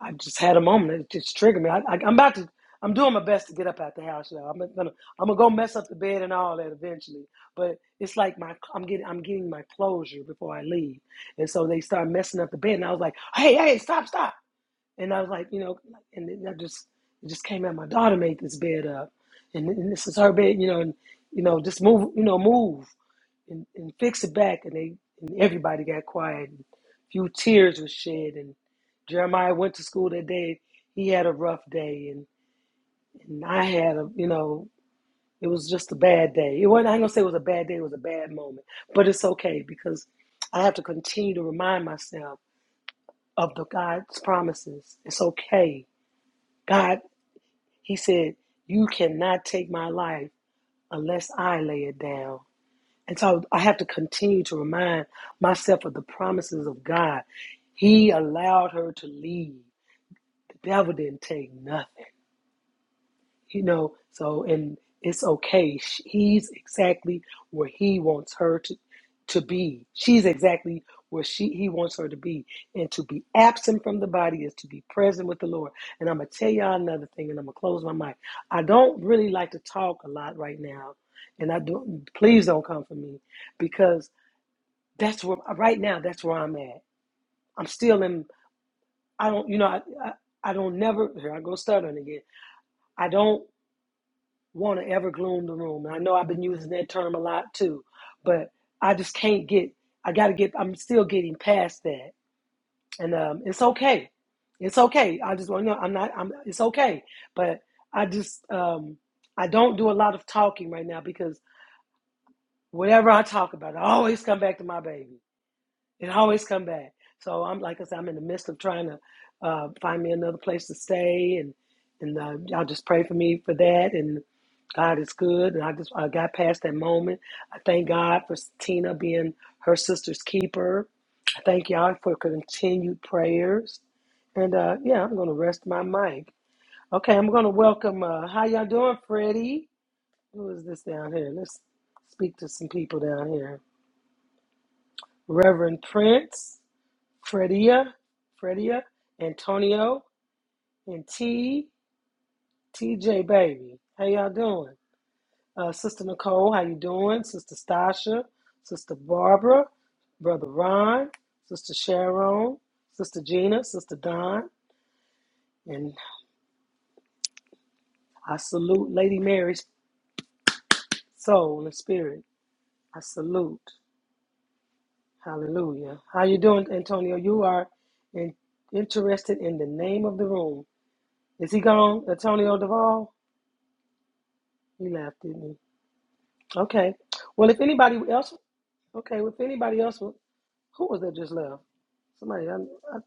Speaker 1: I just had a moment. It just triggered me. I, I, I'm about to. I'm doing my best to get up out the house. you I'm gonna, I'm gonna go mess up the bed and all that eventually. But it's like my, I'm getting, I'm getting my closure before I leave. And so they start messing up the bed, and I was like, "Hey, hey, stop, stop!" And I was like, you know, and then I just it just came out. My daughter made this bed up, and, and this is her bed, you know, and you know, just move, you know, move and, and fix it back. And they and everybody got quiet. And a few tears were shed. And Jeremiah went to school that day. He had a rough day, and and I had a, you know, it was just a bad day. It wasn't. I'm gonna say it was a bad day. It was a bad moment, but it's okay because I have to continue to remind myself of the God's promises. It's okay. God He said, You cannot take my life unless I lay it down. And so I have to continue to remind myself of the promises of God. He allowed her to leave. The devil didn't take nothing you know so and it's okay Sh- he's exactly where he wants her to, to be she's exactly where she he wants her to be and to be absent from the body is to be present with the lord and i'm gonna tell y'all another thing and i'm gonna close my mic i don't really like to talk a lot right now and i don't please don't come for me because that's where uh, right now that's where i'm at i'm still in i don't you know i i, I don't never here i go stuttering again i don't want to ever gloom the room. And I know I've been using that term a lot too, but I just can't get. I got to get. I'm still getting past that, and um, it's okay. It's okay. I just want to know. I'm not. I'm. It's okay. But I just. Um, I don't do a lot of talking right now because whatever I talk about, I always come back to my baby. It always come back. So I'm like I said, I'm in the midst of trying to uh, find me another place to stay, and and uh, y'all just pray for me for that. And God is good, and I just I got past that moment. I thank God for Tina being her sister's keeper. I thank y'all for continued prayers, and uh, yeah, I'm gonna rest my mic. Okay, I'm gonna welcome. Uh, how y'all doing, Freddie? Who is this down here? Let's speak to some people down here. Reverend Prince. Fredia, Fredia, Antonio, and T T J baby. How y'all doing? Uh, Sister Nicole, how you doing? Sister Stasha, Sister Barbara, Brother Ron, Sister Sharon, Sister Gina, Sister Don, and I salute Lady Mary's soul and spirit. I salute. Hallelujah. How you doing, Antonio? You are in, interested in the name of the room. Is he gone, Antonio Duvall? He left, didn't he? Okay. Well, if anybody else, okay, well, if anybody else, wa- who was that just left? Somebody, I, I,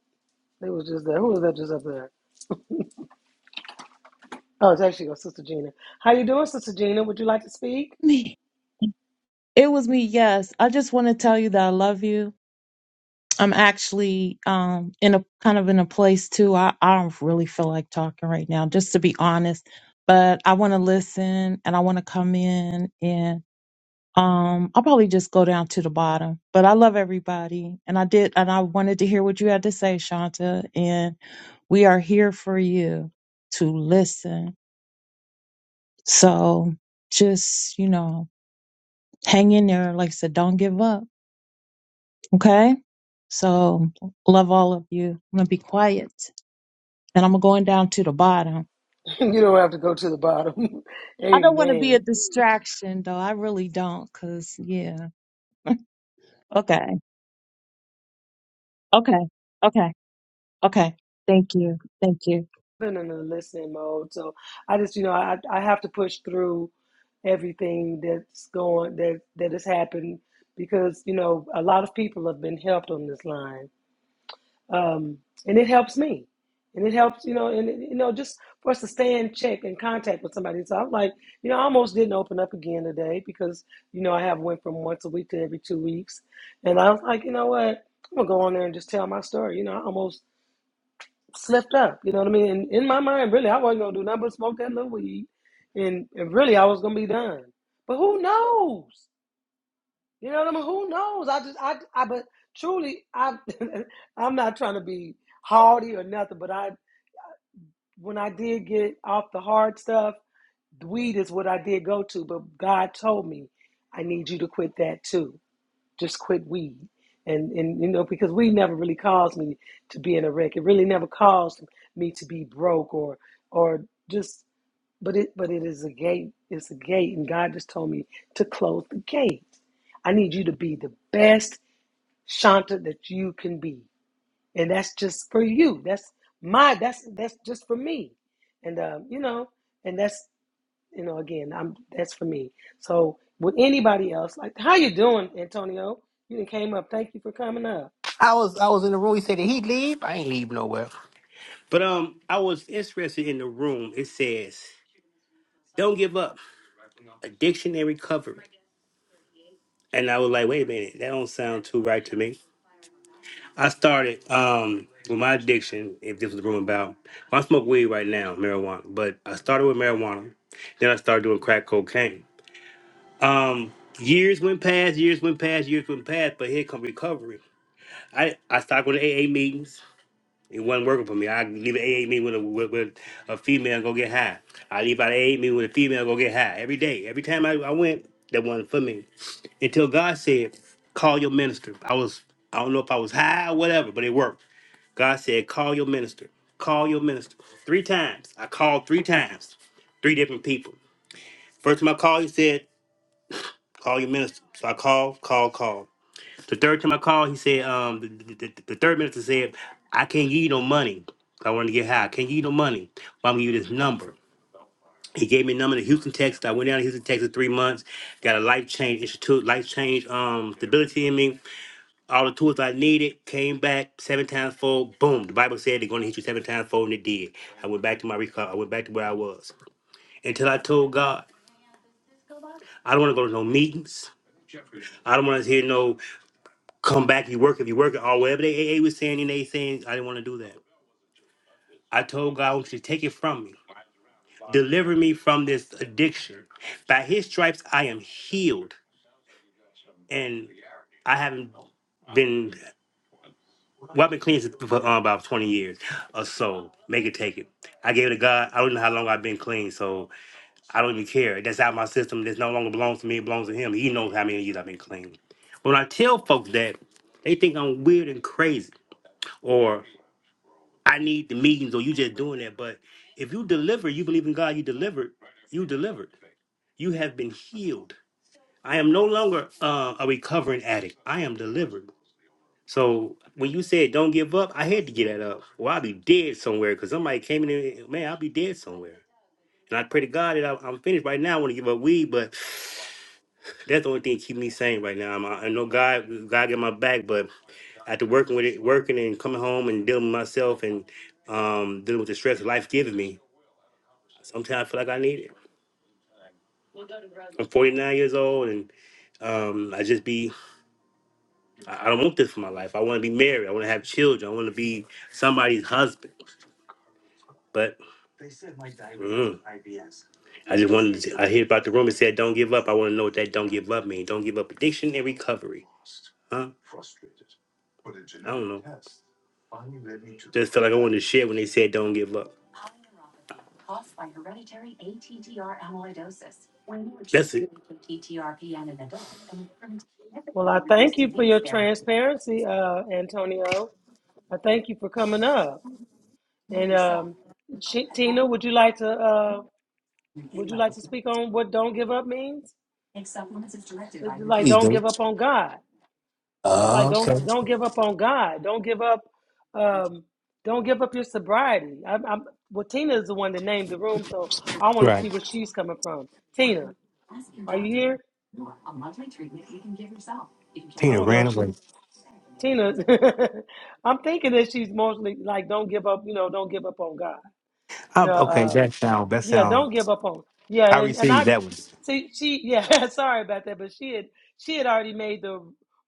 Speaker 1: they was just there. Who was that just up there? Oh, it's actually your sister Gina. How you doing, sister Gina? Would you like to speak?
Speaker 4: Me. It was me, yes. I just want to tell you that I love you. I'm actually um in a kind of in a place too. I, I don't really feel like talking right now, just to be honest. But I want to listen and I want to come in and um I'll probably just go down to the bottom. But I love everybody and I did and I wanted to hear what you had to say, Shanta. And we are here for you to listen. So just, you know, hang in there. Like I said, don't give up Okay? So love all of you. I'm gonna be quiet. And I'm going down to the bottom.
Speaker 1: you don't have to go to the bottom.
Speaker 4: I don't want to be a
Speaker 1: Amen.
Speaker 4: distraction though. I really don't, cause yeah. Okay. Okay. Okay. Okay. Thank you. Thank you.
Speaker 1: Been in a listening mode, so I just, you know, I I have to push through everything that's going that that has happened because you know a lot of people have been helped on this line um, and it helps me, and it helps you know, and you know, just for us to stay in check and contact with somebody. So I'm like, you know, I almost didn't open up again today because you know I have went from once a week to every two weeks, and I was like, you know what, I'm gonna go on there and just tell my story. You know, I almost slipped up. You know what I mean? And in my mind, really, I wasn't gonna do nothing but smoke that little weed, and and really, I was gonna be done. But who knows? You know what I mean? Who knows? I just, I, I, but truly, I, I'm not trying to be haughty or nothing, but I, when I did get off the hard stuff, weed is what I did go to. But God told me, I need you to quit that too. Just quit weed. And, and you know because weed never really caused me to be in a wreck. It really never caused me to be broke or or just but it but it is a gate. It's a gate, and God just told me to close the gate. I need you to be the best Shanta, that you can be. And that's just for you. That's my that's that's just for me. And um, you know, and that's you know, again, I'm that's for me. So with anybody else, like how you doing, Antonio? You done came up. Thank you for coming up.
Speaker 5: I was I was in the room. He said, Did he leave? I ain't leave nowhere. But um, I was interested in the room. It says, Don't give up. Addiction and recovery. And I was like, wait a minute, that don't sound too right to me. I started um with my addiction, if this was the room about Well, I smoke weed right now, marijuana. But I started with marijuana, then I started doing crack cocaine. Um years went past, years went past, years went past, but here come recovery. I, I started going to AA meetings. It wasn't working for me. I leave an AA meeting with a with, with a female and go get high. I leave out an AA meeting with a female and go get high every day. Every time I, I went, that wasn't for me. Until God said, "Call your minister." I was I don't know if I was high or whatever, but it worked. God said, "Call your minister. Call your minister." Three times. I called three times, three different people. First time I called, he said, "Call your minister." So I called, called, called. The third time I called, he said, um, the, the, the, the third minister said, I can't give you no money. I wanted to get high. I can't give you no money, but I'm gonna give you this number. He gave me a number to Houston, Texas. I went down to Houston, Texas three months, got a life change institute, life change um stability in me, all the tools I needed, came back seven times fold, boom. The Bible said they're gonna hit you seven times fold and it did. I went back to my recall, I went back to where I was. Until I told God, I don't wanna go to no meetings. I don't want to hear no. come back. You work if you work it or whatever they a A was saying and they saying I didn't want to do that. I told God, I want you to take it from me. Deliver me from this addiction. By his stripes I am healed. And I haven't been well, I've been clean since- for uh, about 20 years or so. Make it take it. I gave it to God. I don't know how long I've been clean, so I don't even care. That's out of my system. This no longer belongs to me, it belongs to him. He knows how many years I've been clean. When I tell folks that, they think I'm weird and crazy. I need the meetings or you just doing that. But if you deliver, you believe in God, you delivered, you delivered. You have been healed. I am no longer uh, a recovering addict. I am delivered. So when you said don't give up, I had to get that up. Or I'll be dead somewhere because somebody came in and man, I'll be dead somewhere. And I pray to God that I, I'm finished right now. I want to give up weed, but that's the only thing keep me sane right now. I'm, I know God, God got my back, but after working with it, working and coming home and dealing with myself and um, dealing with the stress life giving me, Sometimes I feel like I need it. I'm 49 years old, and um, I just be. I I don't want this for my life. I want to be married. I want to have children. I want to be somebody's husband. But I just wanted. To, I hear about the room. and said, "Don't give up." I want to know what that "don't give up" means. Don't give up addiction and recovery. Huh? Just feel like I wanted to share when they said, "Don't give up."
Speaker 1: Well, I thank you for your transparency, uh, Antonio. I thank you for coming up. And um, Ch- Tina, would you like to uh, would you like to speak on what "don't give up" means? It's like don't give up on God. It's like don't don't give up on God. Don't give up. Um, don't give up your sobriety. I'm, I'm, well, Tina is the one that named the room, so I want to see where she's coming from. Tina, are you here? I don't know if she's Tina. I'm thinking that she's mostly like, don't give up. You know, don't give up on God.
Speaker 5: i
Speaker 1: You know,
Speaker 5: okay,
Speaker 1: um,
Speaker 5: that sound that
Speaker 1: yeah,
Speaker 5: sound.
Speaker 1: don't give up on. Yeah,
Speaker 5: I
Speaker 1: and, and
Speaker 5: received
Speaker 1: I
Speaker 5: that one.
Speaker 1: see she yeah, sorry about that, but she had she had already made the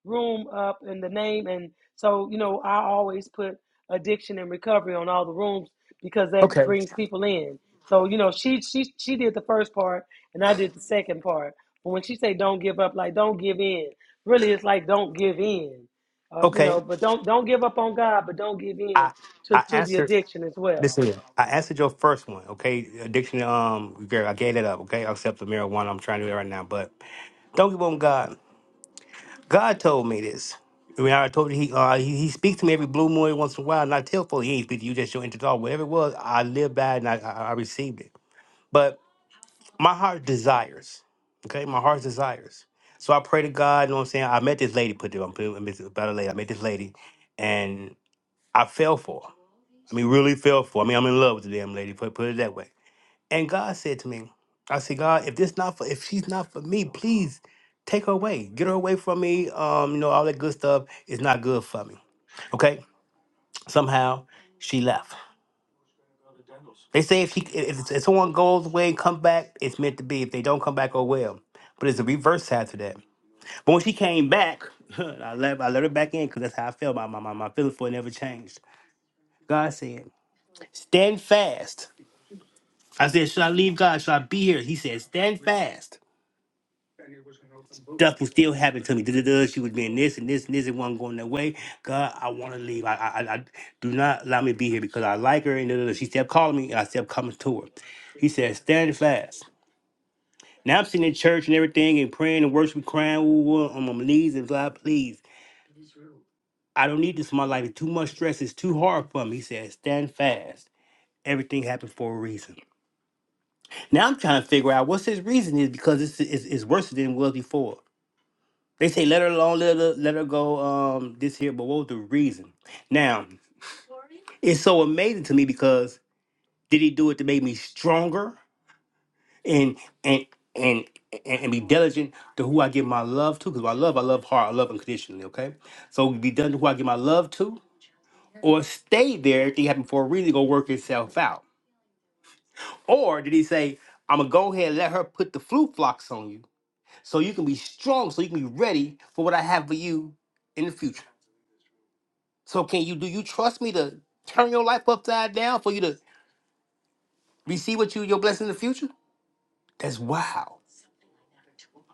Speaker 1: room up and the name and so, you know, I always put addiction and recovery on all the rooms because that
Speaker 5: Okay,
Speaker 1: brings people in. So, you know, she she she did the first part and I did the second part. But when she say don't give up, like don't give in. Really it's like don't give in. Uh, you
Speaker 5: okay.
Speaker 1: know, but don't don't give up on God, but don't give in
Speaker 5: I
Speaker 1: to,
Speaker 5: I
Speaker 1: to the
Speaker 5: answered.
Speaker 1: addiction as well.
Speaker 5: Listen, I answered your first one, okay? Addiction, um, girl, I gave that up, okay? Except the marijuana, I'm trying to do it right now, but don't give up on God. God told me this. I mean, I told you he, uh, he he speaks to me every blue moon once in a while, and I tell folks he ain't speak to you, just your inner thought. Whatever it was, I lived by it and I, I, I received it. But my heart desires, okay? My heart's desires. So I pray to God, you know what I'm saying? I met this lady, put it, I'm putting it about a lady. I met this lady, and I fell for her. I mean, really fell for her. I mean, I'm in love with the damn lady, put, put it that way. And God said to me, I said, God, if this not for if she's not for me, please take her away. Get her away from me. Um, you know, all that good stuff is not good for me. Okay? Somehow she left. They say if she if, if someone goes away and come back, it's meant to be. If they don't come back, oh well. But it's a reverse side to that. But when she came back, I let I let her back in because that's how I felt. My, my my my feeling for it never changed. God said, Stand fast. I said, Should I leave God? Should I be here? He said, Stand fast. stuff was still happening to me. Duh-duh-duh, She was being this and this and this and wasn't going that way. God, I want to leave. I, I, I I- do not allow me to be here because I like her. And duh-duh-duh. she kept calling me, and I kept coming to her. He said, "Stand fast." Now I'm sitting in church and everything and praying and worshiping, crying woo, woo, on my knees and God, please, I don't need this in my life. It's too much stress. It's too hard for me. He said, "Stand fast." Everything happened for a reason. Now I'm trying to figure out what's his reason is because it's, it's, it's worse than it was before. They say let her alone, let her let her go um this here, but what was the reason? Now, it's so amazing to me because did he do it to make me stronger and and and and, and be diligent to who I give my love to? Because I love, I love hard, I love unconditionally, okay? So be done to who I give my love to, or stay there, everything happened for a reason, go work itself out. Or did he say, I'm gonna go ahead and let her put the flu flocks on you so you can be strong, so you can be ready for what I have for you in the future? So can you do you trust me to turn your life upside down for you to receive what you your blessing in the future? That's wow.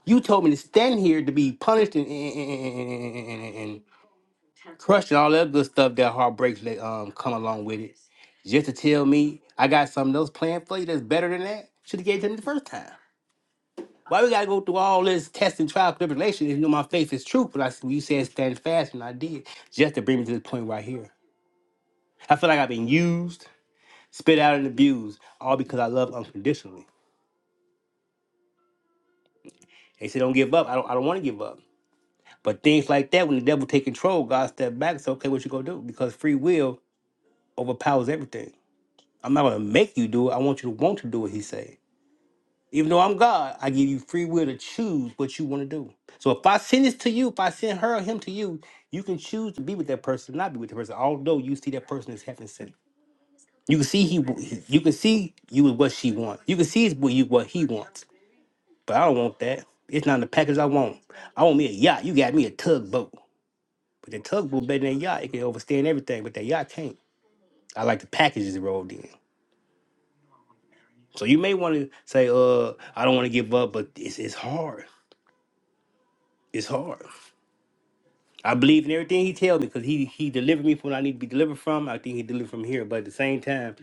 Speaker 5: You told me to stand here to be punished and, and, and, and, and crushed and all that good stuff that heartbreaks that um come along with it. Just to tell me I got something else planned for you that's better than that? Should have gave it to me the first time. Why we gotta go through all this test and trial tribulation if you know my faith is true? But I when you said stand fast and I did just to bring me to this point right here. I feel like I've been used. spit out and abused, all because I love unconditionally. They say don't give up. I don't I don't want to give up. But things like that, when the devil take control, God step back. It's okay, what you gonna do? Because free will overpowers everything. I'm not gonna make you do it. I want you to want to do it. he said. Even though I'm God, I give you free will to choose what you want to do. So if I send this to you, if I send her or him to you, you can choose to be with that person, not be with the person. Although you see that person as heaven sent, you can see he, you can see you is what she wants. You can see it's what you what he wants. But I don't want that. It's not the package I want. I want me a yacht. You got me a tugboat. But the tugboat better than a yacht. It can overstand everything, but that yacht can't. I like the packages rolled in. So you may want to say, uh, I don't want to give up, but it's it's hard. It's hard. I believe in everything he tells me because he he delivered me from what I need to be delivered from. I think he delivered from here. But at the same time,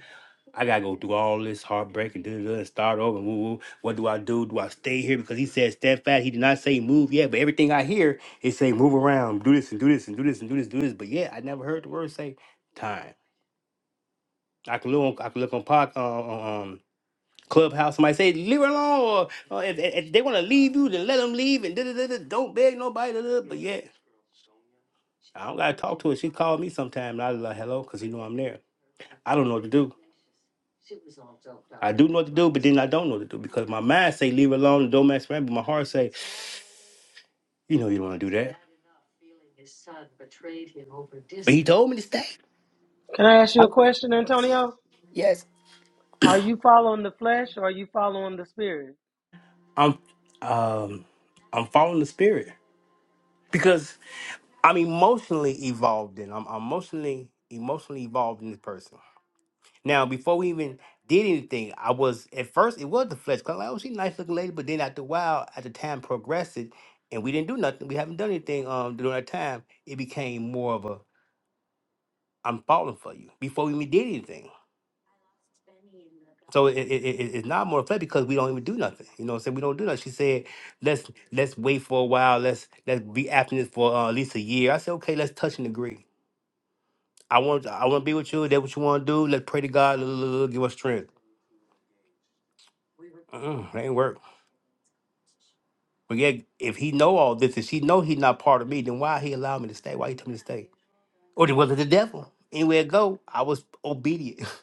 Speaker 5: I gotta go through all this heartbreak and, da-da-da and start over. Woo, woo. What do I do? Do I stay here? Because he said steadfast. He did not say move yet, but everything I hear is say move around, do this and do this and do this and do this, do this. But yeah, I never heard the word say time. I can look on, I can look on pod, uh, on, um, Clubhouse. Somebody say leave her alone, or, or if, if if they want to leave you, then let them leave and da-da-da-da. don't beg nobody. da-da-da. But yeah, I don't gotta talk to her. She called me sometime and I was like hello because you know I'm there. I don't know what to do. do know what to do, but then I don't know what to do because my mind say leave it alone and don't mess around, but my heart say, you know, you don't want to do that. told me to stay.
Speaker 1: Can I ask you a
Speaker 5: I'm,
Speaker 1: question, Antonio?
Speaker 5: yes,
Speaker 1: Are you following the flesh or are you following the spirit?
Speaker 5: I'm, um, I'm following the spirit because I'm emotionally evolved and I'm, I'm emotionally emotionally evolved in this person. Now, before we even did anything, I was at first it was the flesh. 'cause I'm like, oh, she's a nice looking lady, but then after a while, as the time progressed, it, and we didn't do nothing. We haven't done anything um during that time. It became more of a I'm falling for you before we even did anything. it, it, it- it's not more play because we don't even do nothing. You know what I'm saying? We don't do nothing. She said, let's let's wait for a while. Let's let's be abstinent for uh, at least a year. I said, okay, let's touch and agree. I want I want to be with you. That what you want to do. Let's pray to God. l- l- l- Give us strength. But yeah, if he know all this, if she know he's not part of me, then why he allow me to stay? Why he tell me to stay? Or then was it the devil? Anywhere I go, I was obedient.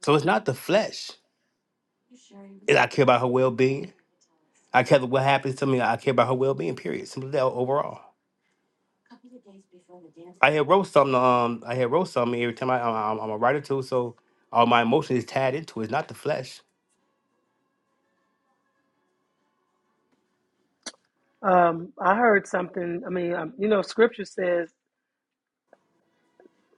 Speaker 5: So it's not the flesh. I care about her well being. I care about what happens to me. I care about her well being. Period. Simply that overall. I had wrote something. Um, I had wrote something every time I, I I'm, I'm a writer too, so all my emotion is tied into it. not the flesh.
Speaker 1: Um, I heard something. I mean, um, you know, Scripture says,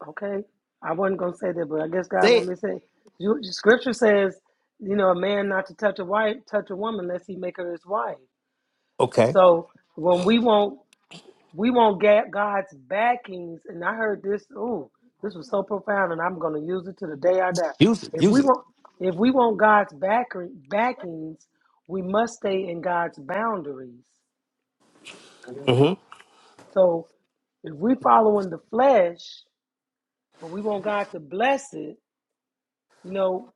Speaker 1: okay, I wasn't gonna say that, but I guess God
Speaker 5: Say
Speaker 1: want
Speaker 5: it.
Speaker 1: me to say. You, scripture says, you know, a man not to touch a wife, touch a woman, unless he make her his wife.
Speaker 5: Okay.
Speaker 1: So when we won't We want ga- God's backings, and I heard this. Ooh, this was so profound, and I'm going to use it to the day I die.
Speaker 5: Use it.
Speaker 1: If
Speaker 5: Use
Speaker 1: we
Speaker 5: it.
Speaker 1: want, if we want God's backing, backings, we must stay in God's boundaries.
Speaker 5: Mm-hmm.
Speaker 1: So, if we follow in the flesh, but we want God to bless it, you know,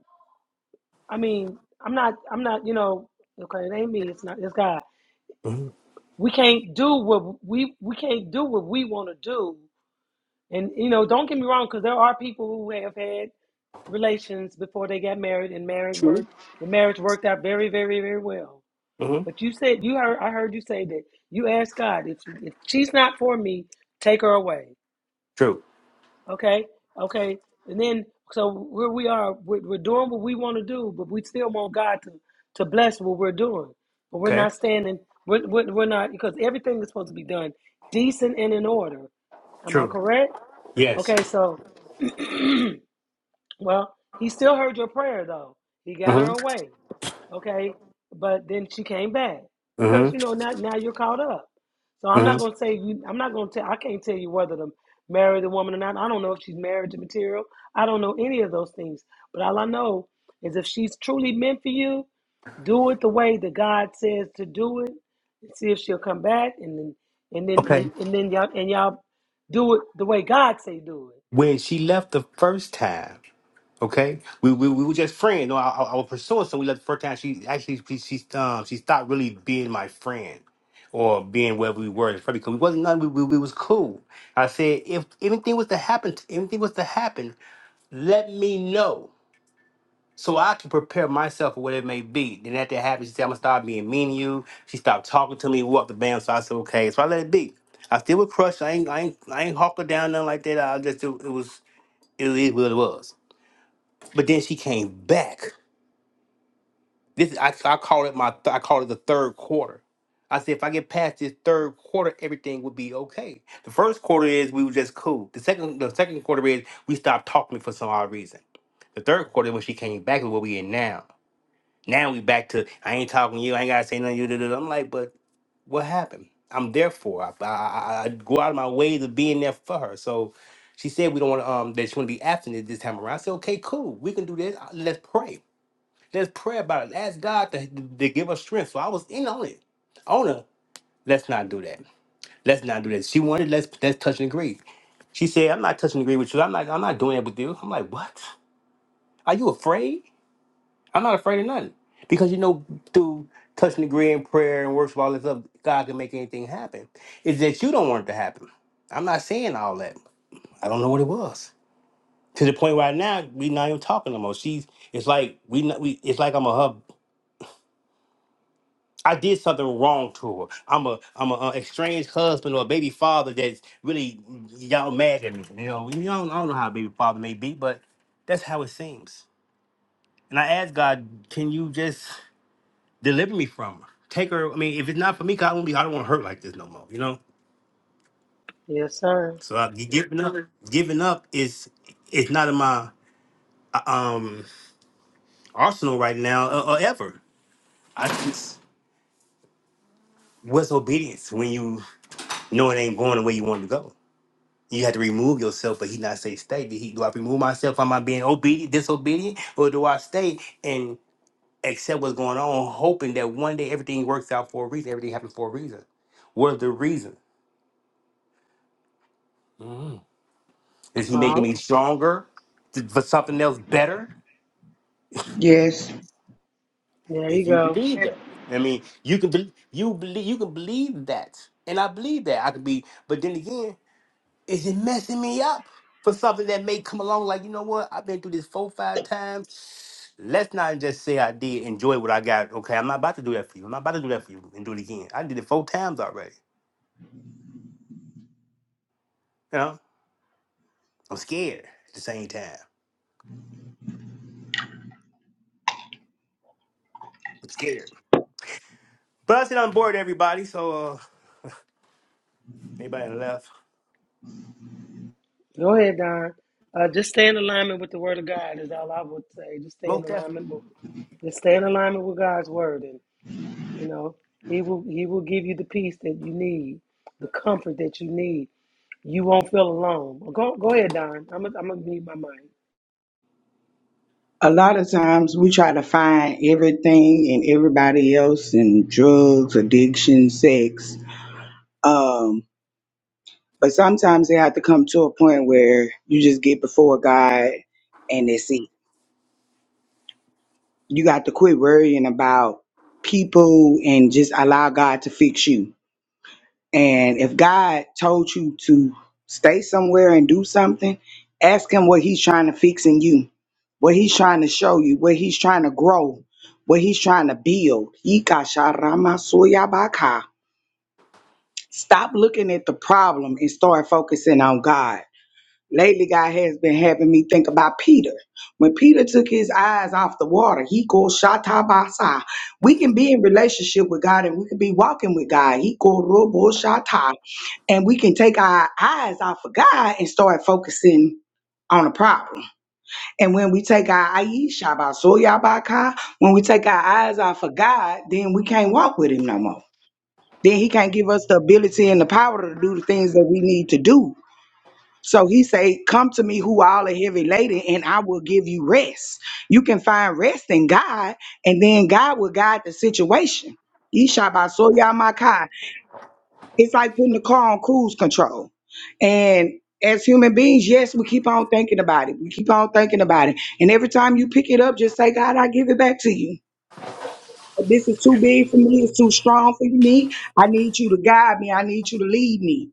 Speaker 1: I mean, I'm not, I'm not, you know, okay, it ain't me. It's not, it's God.
Speaker 5: Mm-hmm.
Speaker 1: We can't do what we we can't do what we want to do And you know, don't get me wrong, because there are people who have had relations before they got married, and married worked. The marriage worked out very, very, very well.
Speaker 5: Mm-hmm.
Speaker 1: But you said you heard. I heard you say that you asked God if if she's not for me, take her away.
Speaker 5: True.
Speaker 1: Okay, okay. And then so where we are, we're, we're doing what we want to do, but we still want God to to bless what we're doing. But we're
Speaker 5: Okay.
Speaker 1: not standing. We're, we're, we're not because everything is supposed to be done decent and in order. Am I
Speaker 5: True.
Speaker 1: correct?
Speaker 5: Yes.
Speaker 1: Okay, so Well, he still heard your prayer though. He got her
Speaker 5: Mm-hmm.
Speaker 1: away, okay? But then she came back because you
Speaker 5: Mm-hmm.
Speaker 1: know now now you're caught up. So I'm
Speaker 5: Mm-hmm.
Speaker 1: not gonna say you. I'm not gonna tell. I can't tell you whether to marry the woman or not. I don't know if she's marriage material. I don't know any of those things. But all I know is if she's truly meant for you, do it the way that God says to do it, and see if she'll come back, and then and then
Speaker 5: Okay.
Speaker 1: and then y'all and y'all do it the way God say do it.
Speaker 5: When she left the first time. Okay, we we, we were just friends. No, I, I I was pursuing someone. We left the first time she actually she she, um, she stopped really being my friend or being where we were. It's probably because we wasn't nothing. We, we we was cool. I said if anything was to happen, anything was to happen, let me know so I can prepare myself for what it may be. Then after that happened, she said I'm gonna start being mean to you. She stopped talking to me. We walked the band, so I said okay. So I let it be. I still was crushed. I ain't I ain't I ain't hawk her down nothing like that. I just it, it was it, was what it was. But then she came back. This I, I call it my I call it the third quarter. I said if I get past this third quarter, everything would be okay. The first quarter is we were just cool. The second the second quarter is we stopped talking for some odd reason. The third quarter when she came back is what we in now. Now we back to I ain't talking to you. I ain't gotta say nothing. to You da-da-da." I'm like, but what happened? I'm there for. her. I, I, I I go out of my way to being there for her. So she said we don't want to um that she want to be absent this time around. I said okay, cool. We can do this. Let's pray. Just pray about it. Ask God to, to give us strength. So I was in on it. On her. Let's not do that. Let's not do that. She wanted let's let's touch and agree. She said, I'm not touching and agree with you. I'm not I'm not doing that with you. I'm like, what? Are you afraid? I'm not afraid of nothing. Because you know, through touch and agree and prayer and works of all this stuff, God can make anything happen. It's that you don't want it to happen. I'm not saying all that. I don't know what it was. To the point right now, we not even talking no more. She's it's like we not we it's like I'm a hub. I did something wrong to her. I'm a I'm a uh, estranged husband or a baby father that's really y'all mad at me. You know, you don't, I don't know how a baby father may be, but that's how it seems. And I asked God, can you just deliver me from her? Take her. I mean, if it's not for me, God, I won't be. I don't want to hurt like this no more. You know.
Speaker 1: Yes, sir.
Speaker 5: So I, gi- gi- giving up is it's not in my uh, um arsenal right now or, or ever. I just what's obedience when you know it ain't going the way you want it to go. You had to remove yourself, but he not say stay. Did he, do I remove myself? Am I being obedient, disobedient, or do I stay and accept what's going on, hoping that one day everything works out for a reason? Everything happens for a reason. What's the reason? Mhm. Is he making
Speaker 1: Uh,
Speaker 5: me stronger Th- for something else better?
Speaker 3: yes
Speaker 1: There you
Speaker 5: If you
Speaker 1: go.
Speaker 5: believe that, I mean, you can believe you believe you can believe that, and I believe that I could be. But then again, Is it messing me up for something that may come along? Like, you know what? I've been through this four, five times. Let's not just say I did enjoy what I got. Okay, I'm not about to do that for you. I'm not about to do that for you and do it again. I did it four times already. You know, I'm scared at the same time. I'm scared. But I said I'm bored, everybody. So, uh, anybody left?
Speaker 1: Go ahead, Don. Uh, just stay in alignment with the word of God is all I would say. Just stay in
Speaker 5: Most definitely.
Speaker 1: alignment with just stay in alignment with God's word and you know, He will He will give you the peace that you need, the comfort that you need. You won't feel alone. Well, Go go ahead, Don. I'm gonna I'm gonna mute my mind.
Speaker 3: a lot of times we try to find everything and everybody else in drugs, addiction, sex. Um, but sometimes they have to come to a point where you just get before God and that's it. You got to quit worrying about people and just allow God to fix you And if God told you to stay somewhere and do something, ask Him what He's trying to fix in you, what He's trying to show you, what He's trying to grow, what He's trying to build. Ikasharamasoyabaka. Stop looking at the problem and start focusing on God. Lately, God has been having me think about Peter. When Peter took his eyes off the water, he goes shatabasa. We can be in relationship with God and we can be walking with God. He go robo shata and we can take our eyes off of God and start focusing on a problem. And when we take our Aisha when we take our eyes off of God, then we can't walk with him no more. Then he can't give us the ability and the power to do the things that we need to do. So he say, Come to me who all are heavy laden, and I will give you rest. You can find rest in God, and then God will guide the situation. Isha it's like putting the car on cruise control. And as human beings, yes, we keep on thinking about it. We keep on thinking about it. And every time you pick it up, just say, God, I give it back to you. This is too big for me. It's too strong for me. I need you to guide me. I need you to lead me.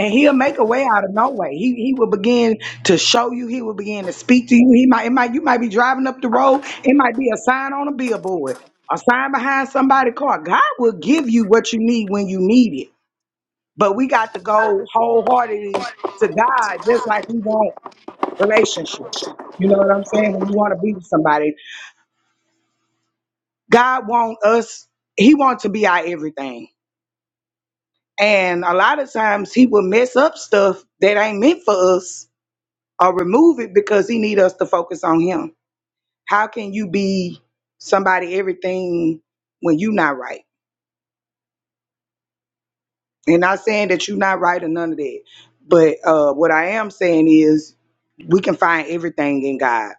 Speaker 3: And he'll make a way out of no way. He he will begin to show you. He will begin to speak to you. He might it might you might be driving up the road. It might be a sign on a billboard, a sign behind somebody's car. God will give you what you need when you need it. But we got to go wholeheartedly to God, just like we want relationship. You know what I'm saying? When you want to be with somebody, God want us. He wants to be our everything. And a lot of times he will mess up stuff that ain't meant for us or remove it because he need us to focus on him. How can you be somebody everything when you not right? And not saying that you not right or none of that. But uh, what I am saying is we can find everything in God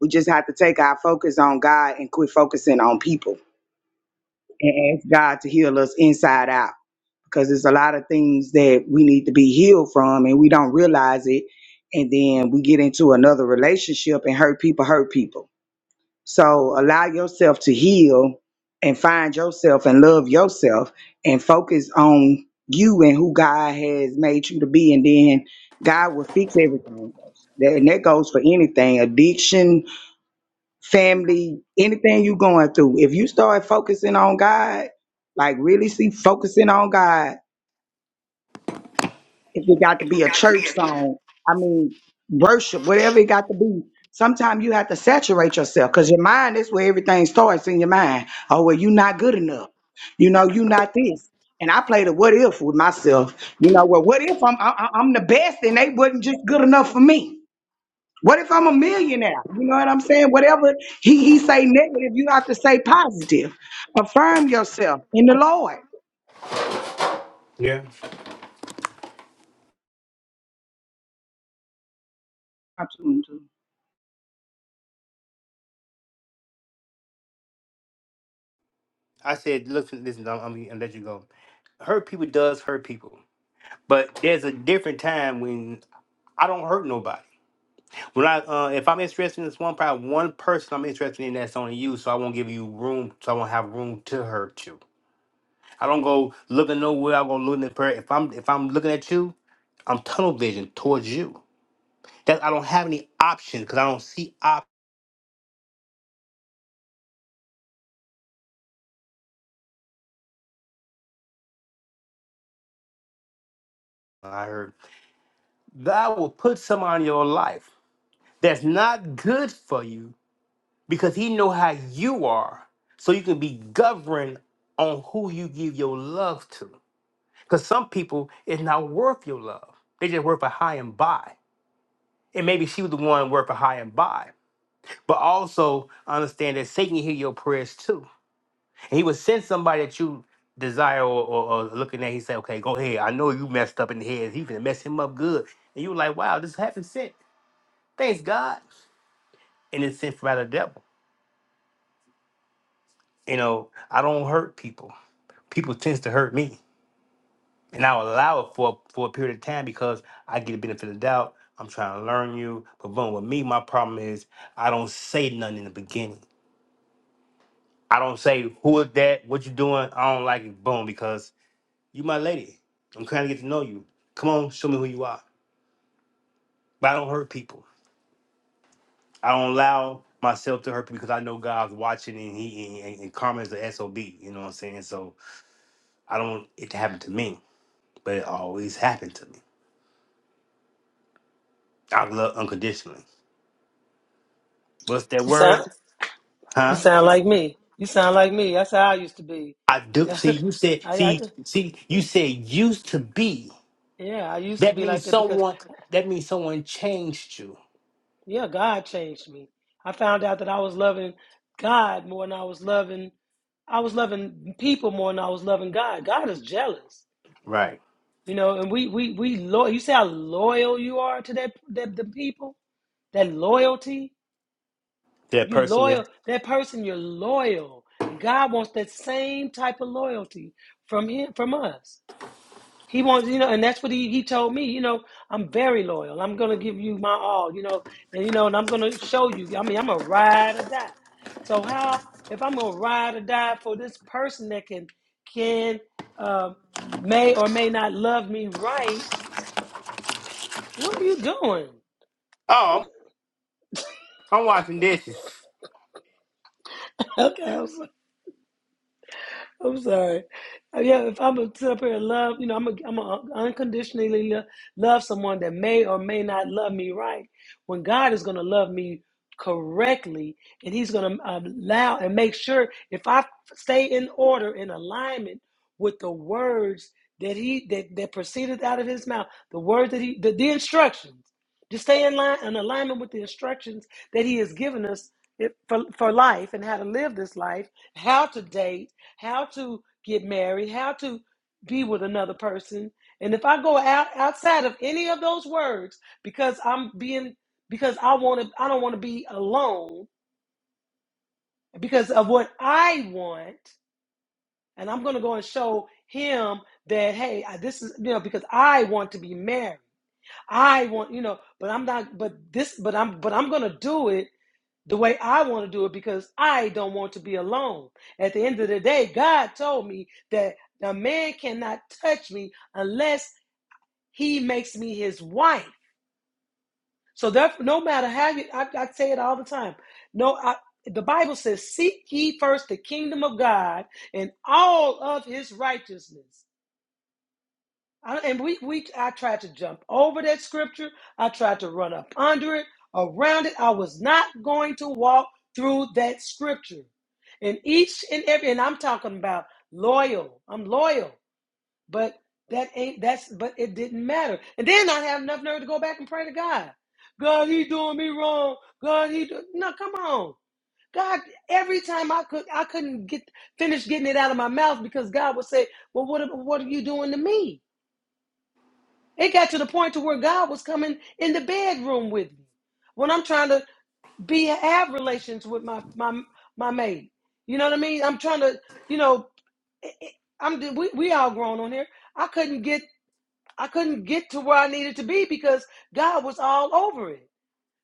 Speaker 3: We just have to take our focus on God and quit focusing on people and ask God to heal us inside out because there's a lot of things that we need to be healed from and we don't realize it. And then we get into another relationship and hurt people, hurt people. So allow yourself to heal and find yourself and love yourself and focus on you and who God has made you to be. And then God will fix everything. That- And that goes for anything addiction, family, anything you going through. If you start focusing on God, like really see focusing on God, if it got to
Speaker 5: It
Speaker 3: be
Speaker 5: would
Speaker 3: a
Speaker 5: got to be
Speaker 3: church
Speaker 5: a
Speaker 3: song, I mean, worship, whatever it got to be. Sometimes you have to saturate yourself because your mind is where everything starts in your mind. Oh, well, you not good enough. You know, you not this. And I play the what if with myself. You know, well, what if I'm I, I- I'm the best and they wasn't just good enough for me? What if I'm a millionaire? You know what I'm saying? Whatever he, he say negative, you have to say positive. Affirm yourself in the Lord.
Speaker 5: I said, listen, listen, I'm, I'm gonna let you go. Hurt people does hurt people, but there's a different time when I don't hurt nobody. When I uh, if I'm interested in this one probably one person I'm interested in that's only you, so I won't give you room, so I won't have room to hurt you. I don't go looking nowhere. I go looking at prayer. If I'm if I'm looking at you, I'm tunnel vision towards you. That I don't have any options because I don't see options. I heard God will put someone in your life that's not good for you because He know how you are, so you can be governed on who you give your love to. Because some people, it's not worth your love. They just worth a high and buy. And maybe she was the one worth a high and buy. But also understand that Satan hear your prayers too. And he would send somebody that you desire or, or, or looking at, he say, okay, go ahead. I know you messed up in the head. He finna mess him up good. And you like, wow, this happened sent. Thanks God. And it's sent from out of the devil. You know, I don't hurt people. People tends to hurt me. and I'll allow it for for a period of time because I get a benefit of the doubt. I'm trying to learn you, but boom, with me, my problem is I don't say nothing in the beginning. I don't say who is that, what you doing. I don't like it, boom, because you my lady. I'm trying to get to know you. Come on, show me who you are. But I don't hurt people. I don't allow myself to hurt people because I know God's watching and he and, and karma is the sob. You know what I'm saying? So I don't want it to happen to me, but it always happened to me. I love unconditionally. What's that
Speaker 1: You sound
Speaker 5: word?
Speaker 1: you
Speaker 5: Huh?
Speaker 1: sound like me. You sound like me. That's how I used to be.
Speaker 5: I do. See,
Speaker 1: I,
Speaker 5: you said,
Speaker 1: I
Speaker 5: see, see, you said used to be.
Speaker 1: yeah, I used to
Speaker 5: That
Speaker 1: be like
Speaker 5: means
Speaker 1: that because
Speaker 5: someone. That means someone changed you.
Speaker 1: Yeah, God changed me. I found out that I was loving God more than I was loving I was loving people more than I was loving God. God is jealous.
Speaker 5: Right.
Speaker 1: You know, and we we we loyal you see how loyal you are to that that the people? That loyalty?
Speaker 5: That
Speaker 1: You
Speaker 5: person. Yeah.
Speaker 1: loyal that person, you're loyal. And God wants that same type of loyalty from him from us. He wants, you know, and that's what he, he told me, you know, I'm very loyal. I'm going to give you my all, you know, and, you know, and I'm going to show you. I mean, I'm a ride or die. So how, if I'm going to ride or die for this person that can, can, um, may or may not love me right, what are you doing? What,
Speaker 5: Oh, I'm I'm washing dishes.
Speaker 1: okay, I'm sorry. I'm sorry. Uh, Yeah, if I'm gonna sit up here and love, you know, I'm gonna I'm gonna unconditionally lo- love someone that may or may not love me right. When God is gonna love me correctly, and He's gonna uh, allow and make sure if I stay in order in alignment with the words that He that that proceeded out of His mouth, the words that He the, the instructions, just stay in line in alignment with the instructions that He has given us. It, for, for life and how to live this life, how to date, how to get married, how to be with another person. And if I go out outside of any of those words because I'm being because I want to I don't want to be alone because of what I want and I'm going to go and show him that hey, this is you know because I want to be married. I want, you know, but I'm not but this but I'm but I'm going to do it the way I want to do it because I don't want to be alone. At the end of the day, God told me that a man cannot touch me unless he makes me his wife. So therefore, no matter how you, I, I say it all the time. No, I, the Bible says, "Seek ye first the kingdom of God and all of His righteousness." I, and we, we, I tried to jump over that scripture. I tried to run up under it, around it. I was not going to walk through that scripture. And each and every, and I'm talking about loyal. I'm loyal, but that ain't that's. But it didn't matter. And then I have enough nerve to go back and pray to God. God, he doing me wrong. God, he do, no, come on. God, every time I could, I couldn't get finish getting it out of my mouth because God would say, "Well, what, what are you doing to me?" It got to the point to where God was coming in the bedroom with me when I'm trying to be have relations with my my my maid. You know what I mean? I'm trying to, you know, it- it- I'm we we all grown on here. I couldn't get I couldn't get to where I needed to be because God was all over it.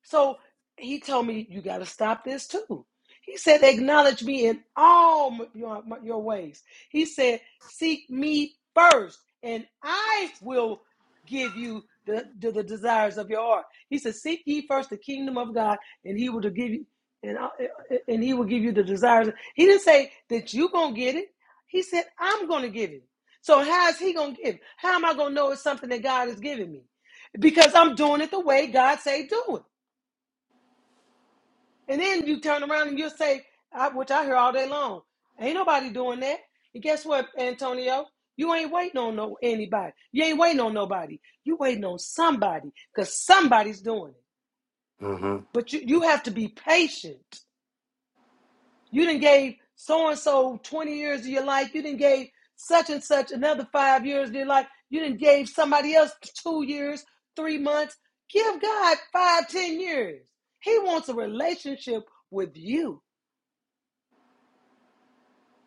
Speaker 1: So he told me, You got to stop this too. He said, Acknowledge me in all your, your ways. He said, Seek me first, and I will give you the, the, the desires of your heart. He said, Seek ye first the kingdom of God, and he will give you. And, uh, uh, uh, and he will give you the desires. He didn't say that you going to get it. He said, I'm going to give it. So how is he going to give? it? How am I going to know it's something that God is giving me? Because I'm doing it the way God say do it. And then you turn around and you say, I, which I hear all day long, ain't nobody doing that. And guess what, Antonio? You ain't waiting on no anybody. You ain't waiting on nobody. You waiting on somebody because somebody's doing it.
Speaker 5: Mm-hmm.
Speaker 1: But you, you have to be patient. You didn't gave so and so 20 years of your life. You didn't gave such and such another five years of your life. You didn't gave somebody else two years, three months. Give God five, ten years. He wants a relationship with you.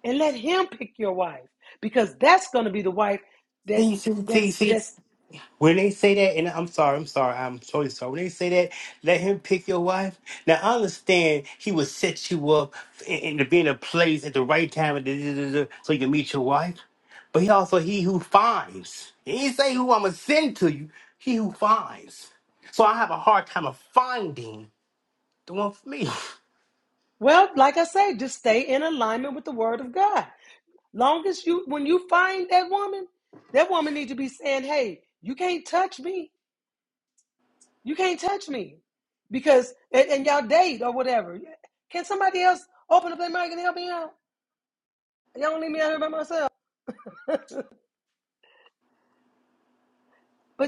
Speaker 1: and let him pick your wife because that's going to be the wife that
Speaker 5: See, see, see,
Speaker 1: that's
Speaker 5: see.
Speaker 1: that's
Speaker 5: When they say that, and I'm sorry, I'm sorry, I'm totally sorry. When they say that, let him pick your wife. Now I understand he will set you up and to be in a place at the right time, and da- da- da- da, so you can meet your wife. But he also he who finds. He didn't say who I'm gonna send to you. He who finds. So I have a hard time of finding the one for me.
Speaker 1: well like i say just stay in alignment with the word of god long as you when you find that woman that woman needs to be saying hey you can't touch me you can't touch me because and, and y'all date or whatever can somebody else open up their mic and help me out y'all don't leave me out here by myself but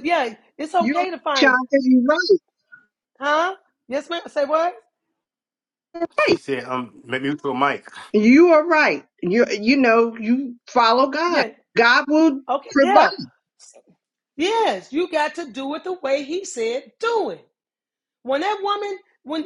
Speaker 1: yeah it's
Speaker 6: You're
Speaker 1: okay to find
Speaker 6: Shanta, you're right.
Speaker 1: huh yes ma'am say what
Speaker 5: She said, um, let me throw a mic."
Speaker 6: You are right. You you know, you follow God.
Speaker 1: yeah
Speaker 6: God will
Speaker 1: okay
Speaker 6: provide.
Speaker 1: yeah Yes, you got to do it the way he said do it. When that woman, when,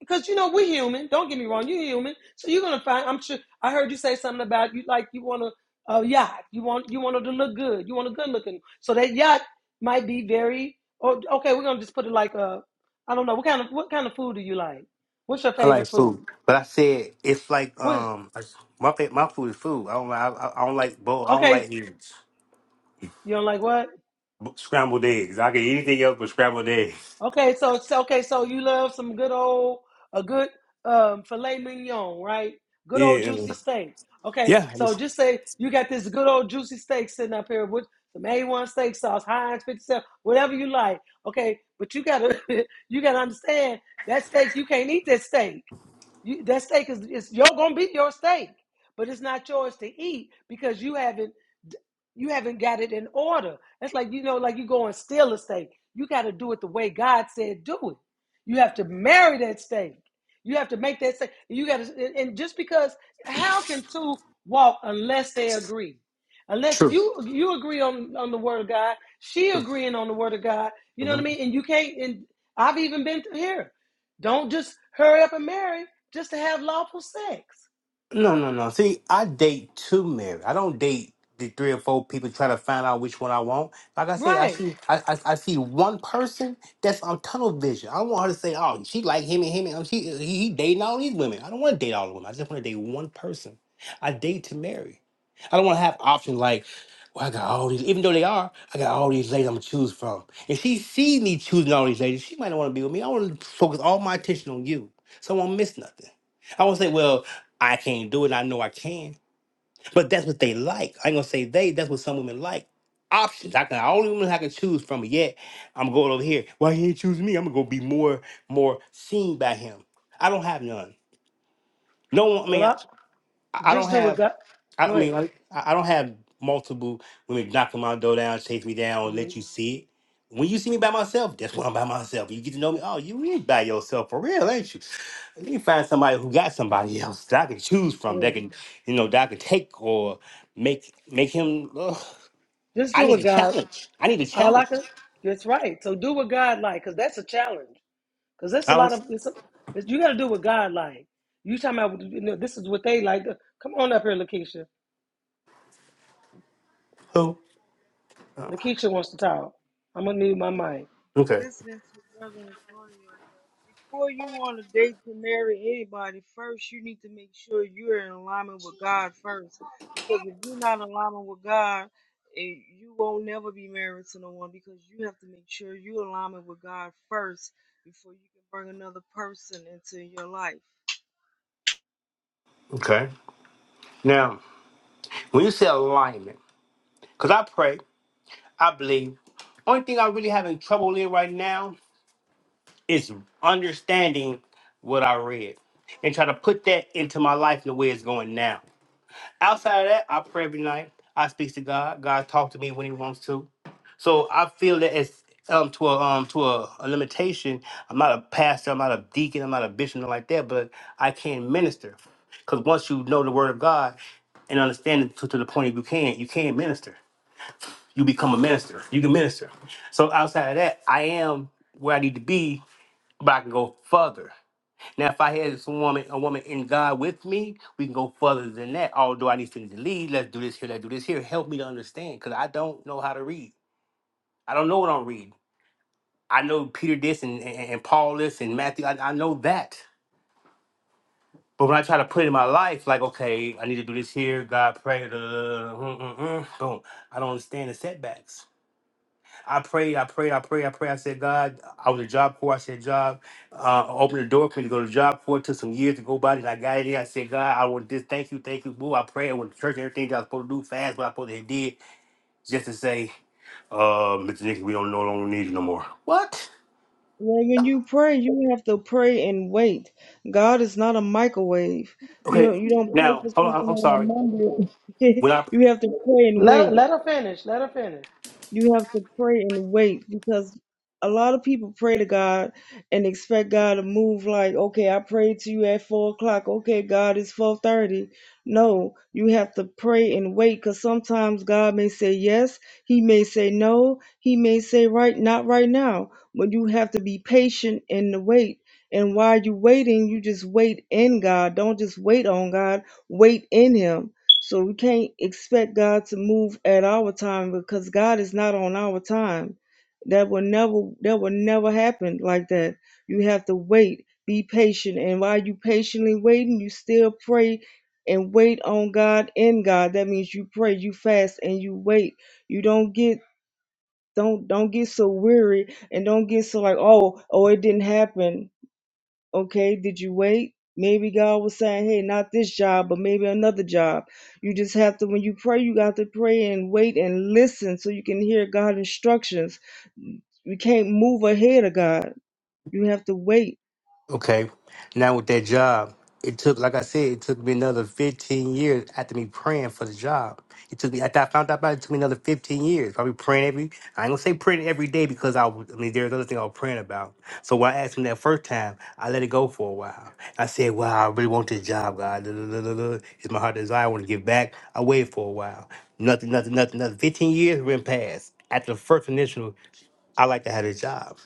Speaker 1: because you know we're human. Don't get me wrong, you're human, so you're gonna find. I'm sure. I heard you say something about you like you want a, a yacht. You want you want her to look good. You want a good looking. So that yacht might be very. Or okay, we're gonna just put it like a. I don't know what kind of what kind of food do you like? What's your
Speaker 5: I like
Speaker 1: favorite
Speaker 5: food,
Speaker 1: food?
Speaker 5: but I said it's like
Speaker 1: What?
Speaker 5: um, my fa- my food is food. I don't like I, I don't like bowl. I don't
Speaker 1: Okay,
Speaker 5: like eggs.
Speaker 1: you don't like what?
Speaker 5: b- scrambled eggs. I could eat anything else but scrambled eggs.
Speaker 1: Okay, so so okay, so you love some good old a good um filet mignon, right? Good old
Speaker 5: Yeah,
Speaker 1: juicy steak. Okay,
Speaker 5: yeah,
Speaker 1: so
Speaker 5: it's
Speaker 1: just say you got this good old juicy steak sitting up here with some A1 steak sauce, Heinz 57, whatever you like. Okay, but you gotta you gotta understand that steak, you can't eat that steak. You, that steak is it's you're gonna be your steak, but it's not yours to eat because you haven't you haven't got it in order. That's like you know, like you go and steal a steak. You got to do it the way God said do it. You have to marry that steak. You have to make that steak. You got to, and just because how can two walk unless they agree? Unless
Speaker 5: true.
Speaker 1: you you agree on on the word of God, she agreeing on the word of God. You know what
Speaker 5: True.
Speaker 1: I mean? And you can't. And I've even been here. Don't just hurry up and marry just to have lawful sex.
Speaker 5: No, no, no. See, I date to marry. I don't date the three or four people trying to find out which one I want. Like I said, I
Speaker 1: Right.
Speaker 5: see, I, I, I see one person that's on tunnel vision. I don't want her to say, "Oh, she like him and him and she he, he dating all these women." I don't want to date all the women. I just want to date one person. I date to marry. I don't want to have options like, "Well, I got all these." Even though they are, I got all these ladies I'm gonna choose from. If she sees me choosing all these ladies, she might not want to be with me. I want to focus all my attention on you, so I won't miss nothing. I won't say, well, I can't do it. I know I can. But that's what they like. I ain't gonna say they, that's what some women like. Options. I can only women I can choose from. Yet I'm going over here. Why he ain't choose me? I'm gonna go be more more seen by him. I don't have none. No one I
Speaker 1: Well,
Speaker 5: mean
Speaker 1: I
Speaker 5: I, I
Speaker 1: just
Speaker 5: don't
Speaker 1: do what
Speaker 5: have
Speaker 1: God.
Speaker 5: I I
Speaker 1: Go
Speaker 5: mean,
Speaker 1: ahead.
Speaker 5: like, I I don't have multiple women knocking my door down, chase me down, and
Speaker 1: Mhm.
Speaker 5: let you see it. When you see me by myself, that's when I'm by myself. You get to know me. Oh, you is by yourself for real, ain't you? Let me find somebody who got somebody else that I can choose from.
Speaker 1: Yeah.
Speaker 5: That can, you know, that I can take or make make him. ugh.
Speaker 1: Just
Speaker 5: I
Speaker 1: do
Speaker 5: need
Speaker 1: what
Speaker 5: a
Speaker 1: God.
Speaker 5: challenge. I need a
Speaker 1: All I
Speaker 5: challenge.
Speaker 1: can. That's right. So do what God like, cause that's a challenge. Cause that's a
Speaker 5: I
Speaker 1: lot
Speaker 5: don't.
Speaker 1: of. It's a, it's, you got to do what God like. You talking about? You know, this is what they like. Come on up here, Lakeisha.
Speaker 5: Who?
Speaker 1: Lakeisha wants to talk. I'm gonna mute my mic.
Speaker 5: Okay.
Speaker 7: listening to Brother Antonio. Before you want to date to marry anybody, first you need to make sure you're in alignment with God first. Because if you're not in alignment with God, eh, you won't never be married to no one because you have to make sure you're in alignment with God first before you can bring another person into your life.
Speaker 5: Okay. Now, when you say alignment, because I pray, I believe. Only thing I really having trouble in right now Is understanding what I read and try to put that into my life the way it's going now. Outside of that, I pray every night. I speak to God. God talks to me when He wants to. So I feel that it's um to a um to a, a limitation. I'm not a pastor. I'm not a deacon. I'm not a bishop, nothing like that. But I can minister because once you know the Word of God and understand it to, to the point of you can, you can minister. You become a minister. You can minister. So outside of that, I am where I need to be but I can go further. Now, if I had some woman, a woman in God with me, we can go further than that. Although I need to lead, let's do this here, let's do this here. Help me to understand, because I don't know how to read. I don't know what I'm reading. I know Peter this and, and, and Paul this and Matthew. I, I know that. But when I try to put it in my life, like, okay, I need to do this here, God pray, da, da, da, da, mm, mm, mm, boom. I don't understand the setbacks. I prayed, I prayed, I prayed, I prayed. I said, God, I was a job corps. I said, job, uh, open the door for me to go to job corps. It took some years to go by this. I got it in. I said, God, I want this. Thank you, thank you, boo. I prayed with the church and everything that I was supposed to do fast, what I supposed to have did, just to say, uh, Mr. Nixon, we don't no longer need you no more. What?
Speaker 7: Well, when you pray, you have to pray and wait. God is not a microwave. You
Speaker 5: Okay,
Speaker 7: don't, you don't pray
Speaker 5: now,
Speaker 7: for
Speaker 5: hold on,
Speaker 7: something
Speaker 5: I'm
Speaker 7: on a
Speaker 5: sorry.
Speaker 7: Monday.
Speaker 5: When I
Speaker 7: you have to pray and wait.
Speaker 1: Let let her finish. Let her finish.
Speaker 7: You have to pray and wait because a lot of people pray to God and expect God to move like, okay, I prayed to you at four o'clock. Okay, God, it's four thirty. No, you have to pray and wait because sometimes God may say yes, He may say no, He may say right, not right now. But you have to be patient in the wait. And while you're waiting, you just wait in God. Don't just wait on God. Wait in Him so we can't expect God to move at our time because God is not on our time. That will never that will never happen like that. You have to wait, be patient, and while you patiently waiting, you still pray and wait on God in God. That means you pray, you fast, and you wait. You don't get don't don't get so weary and don't get so like oh oh it didn't happen Okay, did you wait? Maybe God was saying, hey, not this job, but maybe another job. You just have to, when you pray, you got to pray and wait and listen so you can hear God's instructions. You can't move ahead of God. You have to wait.
Speaker 5: Okay. Now with that job, it took, like I said, it took me another 15 years after me praying for the job. It took me, after I found out about it, it took me another 15 years. I be praying every, I ain't gonna say praying every day because I, was- I mean, there's other thing I was praying about. So when I asked him that first time, I let it go for a while. I said, wow, I really want this job, God. Duh, duh, duh, duh, duh. It's my heart desire. I want to give back. I waited for a while. Nothing, nothing, nothing, nothing. 15 years went past. After the first initial, I like to have a job.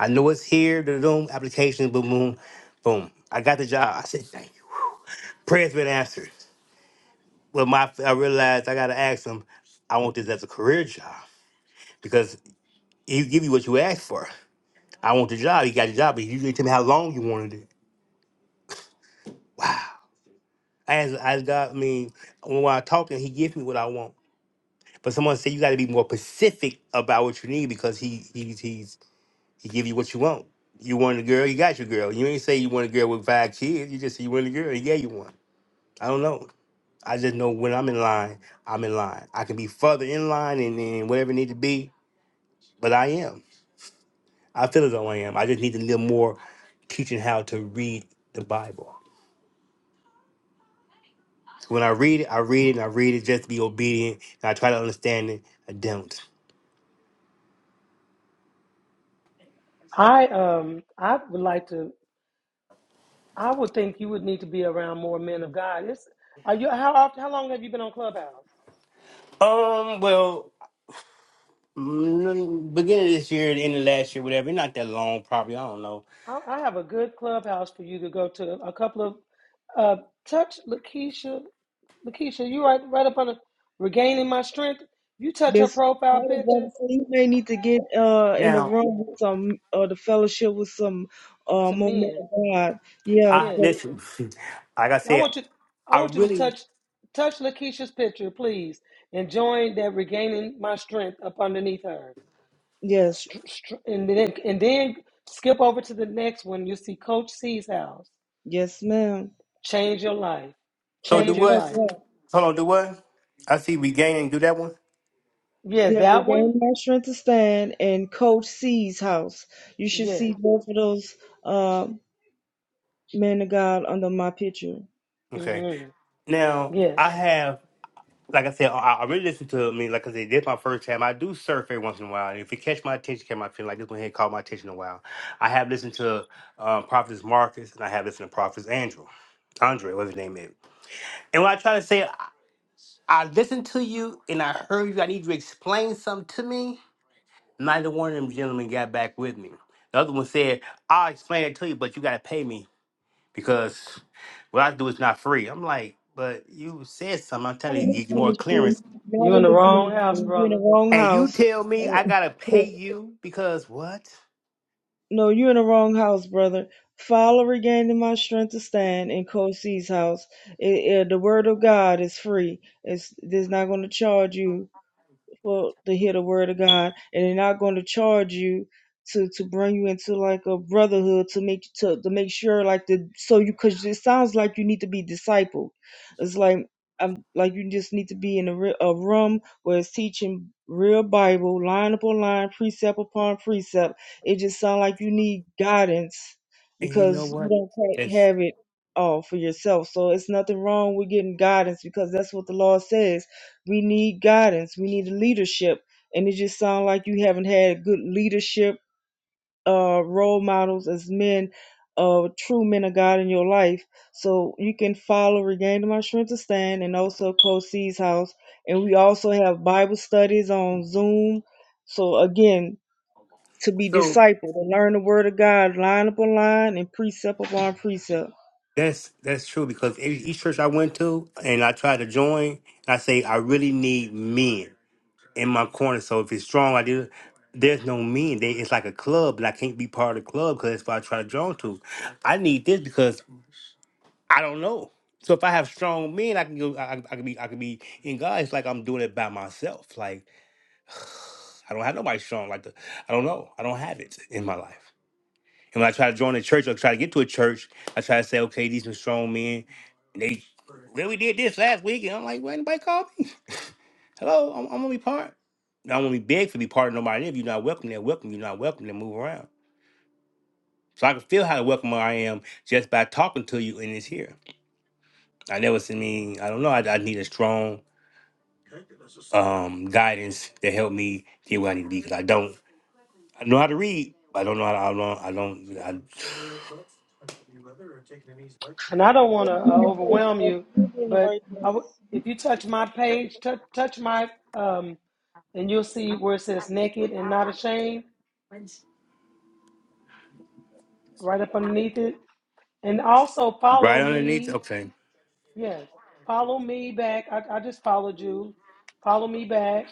Speaker 5: I know it's here, the Zoom application, boom, boom, boom. I got the job. I said, thank you. Prayer's been answered. Well, my I realized I gotta ask him, I want this as a career job. Because he give you what you ask for. I want the job. He got the job, but he usually tell me how long you wanted it. Wow. I asked, I asked God, I mean, when I talk to him, he gives me what I want. But someone said you gotta be more specific about what you need because he he he's he give you what you want. You want a girl, you got your girl. You ain't say you want a girl with five kids, you just say you want a girl, he gave you one. I don't know. I just know when I'm in line, I'm in line. I can be further in line and then whatever it need to be, but I am. I feel as though I am. I just need to live more teaching how to read the Bible. When I read it, I read it and I read it just to be obedient and I try to understand it. I don't.
Speaker 1: I um I would like to. I would think you would need to be around more men of God. It's are you how often? How long have you been on Clubhouse?
Speaker 5: Um, well, mm, beginning of this year, the end of last year, whatever, not that long probably, I don't know.
Speaker 1: I I have a good clubhouse for you to go to. A couple of uh, touch Lakeisha. Lakeisha, you right right up on the regaining my strength. You touch her
Speaker 7: This
Speaker 1: profile
Speaker 7: part of
Speaker 1: picture.
Speaker 7: that, so you may need to get uh in the
Speaker 5: Now,
Speaker 7: room with some uh the fellowship with some uh
Speaker 1: It's a
Speaker 7: more men
Speaker 1: men.
Speaker 7: of God. Yeah,
Speaker 5: I
Speaker 1: Yeah,
Speaker 7: 'cause-
Speaker 5: listen, like I
Speaker 1: I
Speaker 5: said,
Speaker 1: want you. I
Speaker 5: I
Speaker 1: want you to
Speaker 5: really
Speaker 1: touch touch Lakeisha's picture, please, and join that regaining my strength up underneath her.
Speaker 7: yes,
Speaker 1: Str- str- And then and then skip over to the next one. You see Coach C's house.
Speaker 7: yes, ma'am.
Speaker 1: Change your life.
Speaker 5: So do
Speaker 1: Change
Speaker 7: Change it
Speaker 1: your
Speaker 5: what?
Speaker 7: up,
Speaker 1: life.
Speaker 7: yeah.
Speaker 5: Hold on, do what? I see regain and do that one.
Speaker 1: Yeah,
Speaker 7: Yeah,
Speaker 1: that one.
Speaker 7: regain my strength to stand and coach C's house. You should
Speaker 1: Yeah.
Speaker 7: see both of those uh men of God under my picture.
Speaker 5: Okay.
Speaker 1: hmm
Speaker 5: Now
Speaker 1: Yes,
Speaker 5: I have, like I said, I, I really listen to me. Like I said, this my first time. I do surf every once in a while. And if it catch my attention, catch my feel like this one here caught my attention a while. I have listened to um, Prophetess Marcus, and I have listened to Prophetess Andrew, Andre, whatever his name is. And when I try to say, I, I listened to you and I heard you. I need you to explain something to me. Neither one of them gentlemen got back with me. The other one said, "I'll explain it to you, but you got to pay me." because what I do is not free. I'm like, but you said something. I'm telling you to get more clearance.
Speaker 1: you're in the wrong house,
Speaker 7: If You're in the
Speaker 1: brother.
Speaker 7: wrong
Speaker 5: And you
Speaker 7: house.
Speaker 5: tell me I gotta pay you because what?
Speaker 7: No, you are in the wrong house, brother. Follow regaining my strength to stand in Coach C's house. It, it- the word of God is free. It's, it's not going to charge you people to hear the word of God, and they're not going to charge you to to bring you into like a brotherhood to make to to make sure like the so you because it sounds like you need to be discipled. It's like um like you just need to be in a, re- a room where it's teaching real Bible, line upon line, precept upon precept. It just sounds like you need guidance
Speaker 5: And you know
Speaker 7: because you
Speaker 5: what?
Speaker 7: don't quite
Speaker 5: That's
Speaker 7: have it all for yourself. So it's nothing wrong with getting guidance because that's what the law says we need guidance. We need leadership. And it just sounds like you haven't had good leadership uh, role models as men, uh, true men of God in your life. So you can follow Regain to My Strength to Stand and also Coach C's House. And we also have Bible studies on Zoom. So again, to be
Speaker 5: so
Speaker 7: discipled and learn the Word of God line upon line and precept upon precept.
Speaker 5: that's that's true because e- each church I went to and I tried to join, I say I really need men. in my corner. So if it's strong, I do. There's no me. They, it's like a club, and I can't be part of the club because that's what I try to draw to. I need this because I don't know. So if I have strong men, I can go. I, I I can be. I can be in God. It's like I'm doing it by myself. Like I don't have nobody strong. Like the, I don't know. I don't have it in my life. And when I try to join a church or try to get to a church, I try to say, okay, these are strong men. They really did this last week, and I'm like, well, anybody called me? Hello, I'm, I'm gonna be part. And I'm gonna be big for be part of nobody. If you're not welcome, they're welcome. You're not welcome, they move around. So I can feel how welcome I am just by talking to you in this here. I never seen me, I don't know, I, I need a strong um, guidance to help me get where I need to be because I don't, I know how to read, but I don't know how to, I don't, I don't, I,
Speaker 1: And I don't want to uh,
Speaker 7: Right place,
Speaker 1: overwhelm
Speaker 7: brother.
Speaker 1: you,
Speaker 7: You're in the
Speaker 1: but
Speaker 7: right
Speaker 1: I
Speaker 7: place.
Speaker 1: w- if you touch my page, touch touch my, um, and you'll see where it says naked and not ashamed right up underneath it. And also follow
Speaker 5: right underneath,
Speaker 1: me.
Speaker 5: okay.
Speaker 1: Yes, follow me back. I, I just followed you. Follow me back.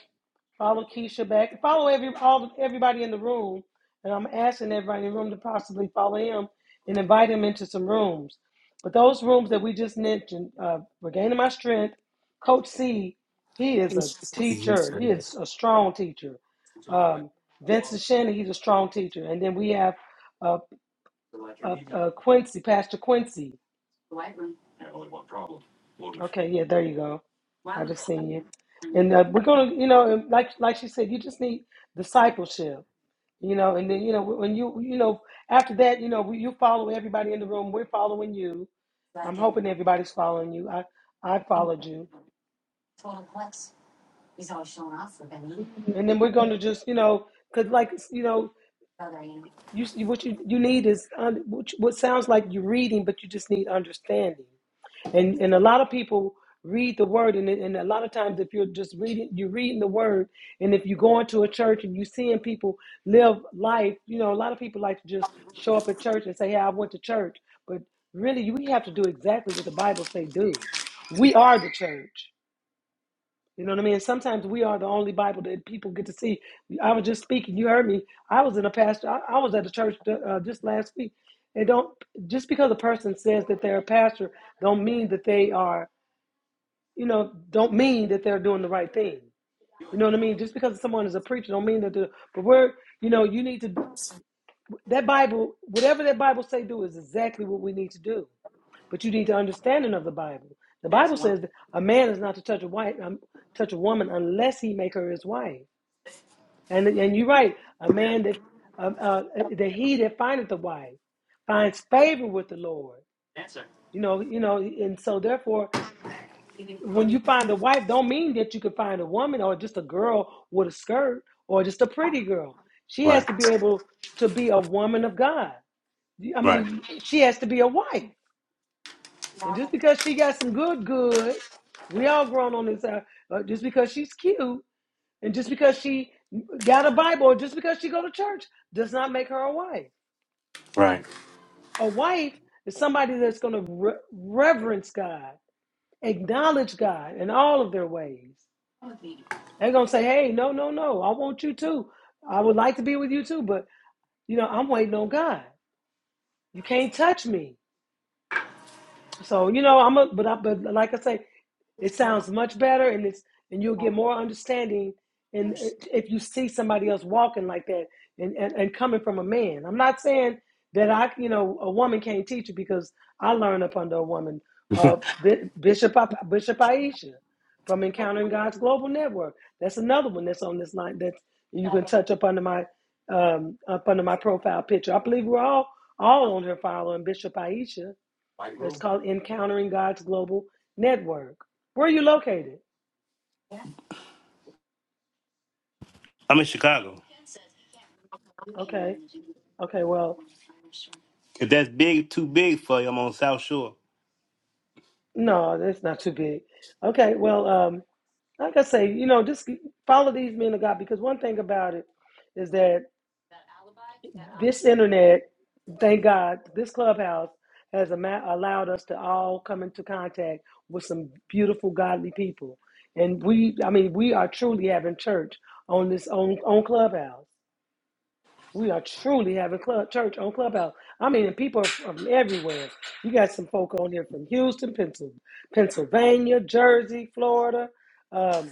Speaker 1: Follow Keisha back. Follow every all everybody in the room, and I'm asking everybody in the room to possibly follow him and invite him into some rooms. But those rooms that we just mentioned, uh, regaining my strength, Coach C, he is a teacher. He is a strong teacher. Um, Vincent Shannon, he's a strong teacher. And then we have uh, uh, uh, Quincy, Pastor Quincy. Okay, yeah, there you go. I just seen you. And uh, we're gonna, you know, like like she said, you just need discipleship You know, and then you know when you you know after that, you know we, you follow everybody in the room. We're following you. I'm hoping everybody's following you. I I followed you, and then we're gonna just you know because like you know you what you you need is un, what, you- what sounds like you're reading, but you just need understanding. And and a lot of people read the word, and and a lot of times if you're just reading, you're reading the word, and if you go into a church and you're seeing people live life, you know, a lot of people like to just show up at church and say, "Hey, I went to church," but really, we have to do exactly what the Bible say do. We are the church. You know what I mean? Sometimes we are the only Bible that people get to see. I was just speaking. You heard me. I was in a pastor. I, I was at the church uh, just last week. It don't just because a person says that they're a pastor don't mean that they are you know, don't mean that they're doing the right thing. You know what I mean? Just because someone is a preacher don't mean that they're, but we're, you know, you need to, that Bible, whatever that Bible say do is exactly what we need to do. But you need the understanding of the Bible. The Bible says that a man is not to touch a wife, um, touch a woman unless he make her his wife. And and you're right, a man that, um, uh, that he that findeth a wife finds favor with the Lord. You know, you know, and so therefore when you find a wife, don't mean that you can find a woman or just a girl with a skirt or just a pretty girl. She has
Speaker 5: Right,
Speaker 1: to be able to be a woman of God. I
Speaker 5: right,
Speaker 1: mean, she has to be a wife. And just because she got some good, good, we all grown on this. Uh, uh, just because she's cute and just because she got a Bible or just because she go to church does not make her a wife.
Speaker 5: right.
Speaker 1: A wife is somebody that's going to re- reverence God, acknowledge God in all of their ways. They're gonna say, "Hey, no, no, no! I want you too. I would like to be with you too, but you know, I'm waiting on God. You can't touch me. So you know, I'm a but I, but like I say, it sounds much better, and it's and you'll get more understanding, and if you see somebody else walking like that, and and, and coming from a man, I'm not saying that I you know a woman can't teach you because I learned up under a woman, uh, Bishop Bishop Aisha from Encountering God's Global Network. That's another one that's on this line that you can touch up under my um, up under my profile picture. I believe we're all all on her following Bishop Aisha it's called Encountering God's Global Network. Where are you located?
Speaker 5: I'm in Chicago.
Speaker 1: Okay. Okay. Well,
Speaker 5: If that's big, too big for you, I'm on South Shore.
Speaker 1: no, that's not too big. Okay. Well, um, like I say, you know, just follow these men of God because one thing about it is that this internet, thank God, this clubhouse has ama- allowed us to all come into contact with some beautiful, godly people. And we, I mean, we are truly having church on this own, own clubhouse. We are truly having club church on Clubhouse. I mean, and people are from everywhere. You got some folk on here from Houston, Pennsyl- Pennsylvania, Jersey, Florida. um,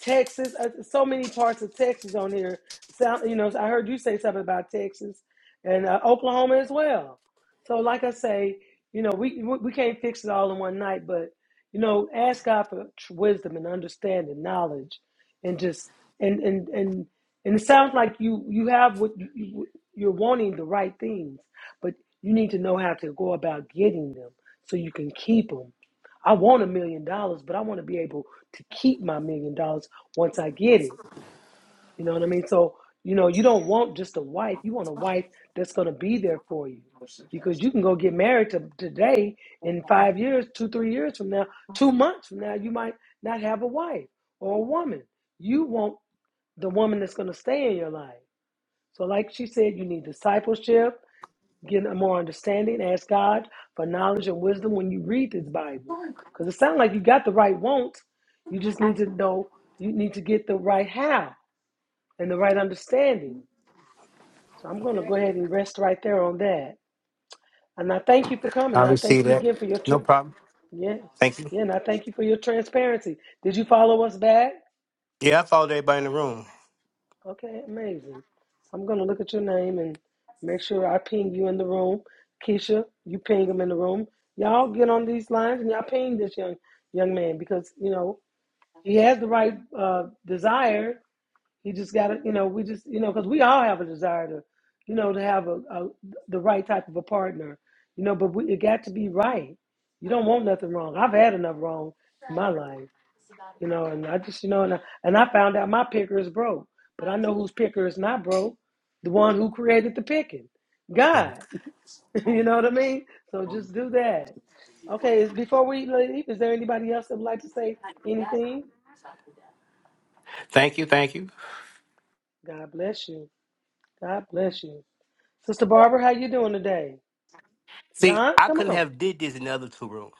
Speaker 1: Texas, uh, so many parts of Texas on here. Sound, you know, I heard you say something about Texas and uh, Oklahoma as well. So, like I say, you know, we we we can't fix it all in one night, but you know, ask God for tr- wisdom and understanding, knowledge, and just and and and and it sounds like you you have what you, you- you're wanting the right things, but you need to know how to go about getting them so you can keep 'em. I want a million dollars, but I want to be able to keep my million dollars once I get it. You know what I mean? So, you know, you don't want just a wife. You want a wife that's going to be there for you because you can go get married to, today in five years, two, three years from now, two months from now, you might not have a wife or a woman. You want the woman that's going to stay in your life. So, like she said, you need discipleship get a more understanding. Ask God for knowledge and wisdom when you read this Bible. Because it sounds like you got the right want. You just need to know, you need to get the right how and the right understanding. So I'm going to go ahead and rest right there on that. And I thank you for
Speaker 5: I
Speaker 1: coming. I thank
Speaker 5: receive
Speaker 1: you
Speaker 5: that.
Speaker 1: again for your, tr-
Speaker 5: No problem.
Speaker 1: yeah,
Speaker 5: Thank you.
Speaker 1: yeah, and I thank you for your transparency. Did you follow us back?
Speaker 5: Yeah, I followed everybody in the
Speaker 1: Okay, amazing. I'm gonna look at your name and make sure I ping you in the room. Keisha, you ping him in the room. Y'all get on these lines and y'all ping this young young man because you know he has the right uh, desire. He just gotta, you know, we just, you know, because we all have a desire to, you know, to have a, a the right type of a partner, you know. But we, it got to be right. You don't want nothing wrong. I've had enough wrong in my life. You know, and I just, you know, and I, and I found out my picker is broke, but I know whose picker is not broke. The one who created the picking,
Speaker 5: room.
Speaker 1: God. you know what I mean? So just do that. Okay, is- before we leave, is there anybody else that would like to say anything?
Speaker 5: Thank you, thank you.
Speaker 1: God bless you. God bless you. Sister Barbara, how you doing today?
Speaker 5: See,
Speaker 1: Don,
Speaker 5: I
Speaker 1: come
Speaker 5: couldn't
Speaker 1: on.
Speaker 5: have did this in the other two rooms.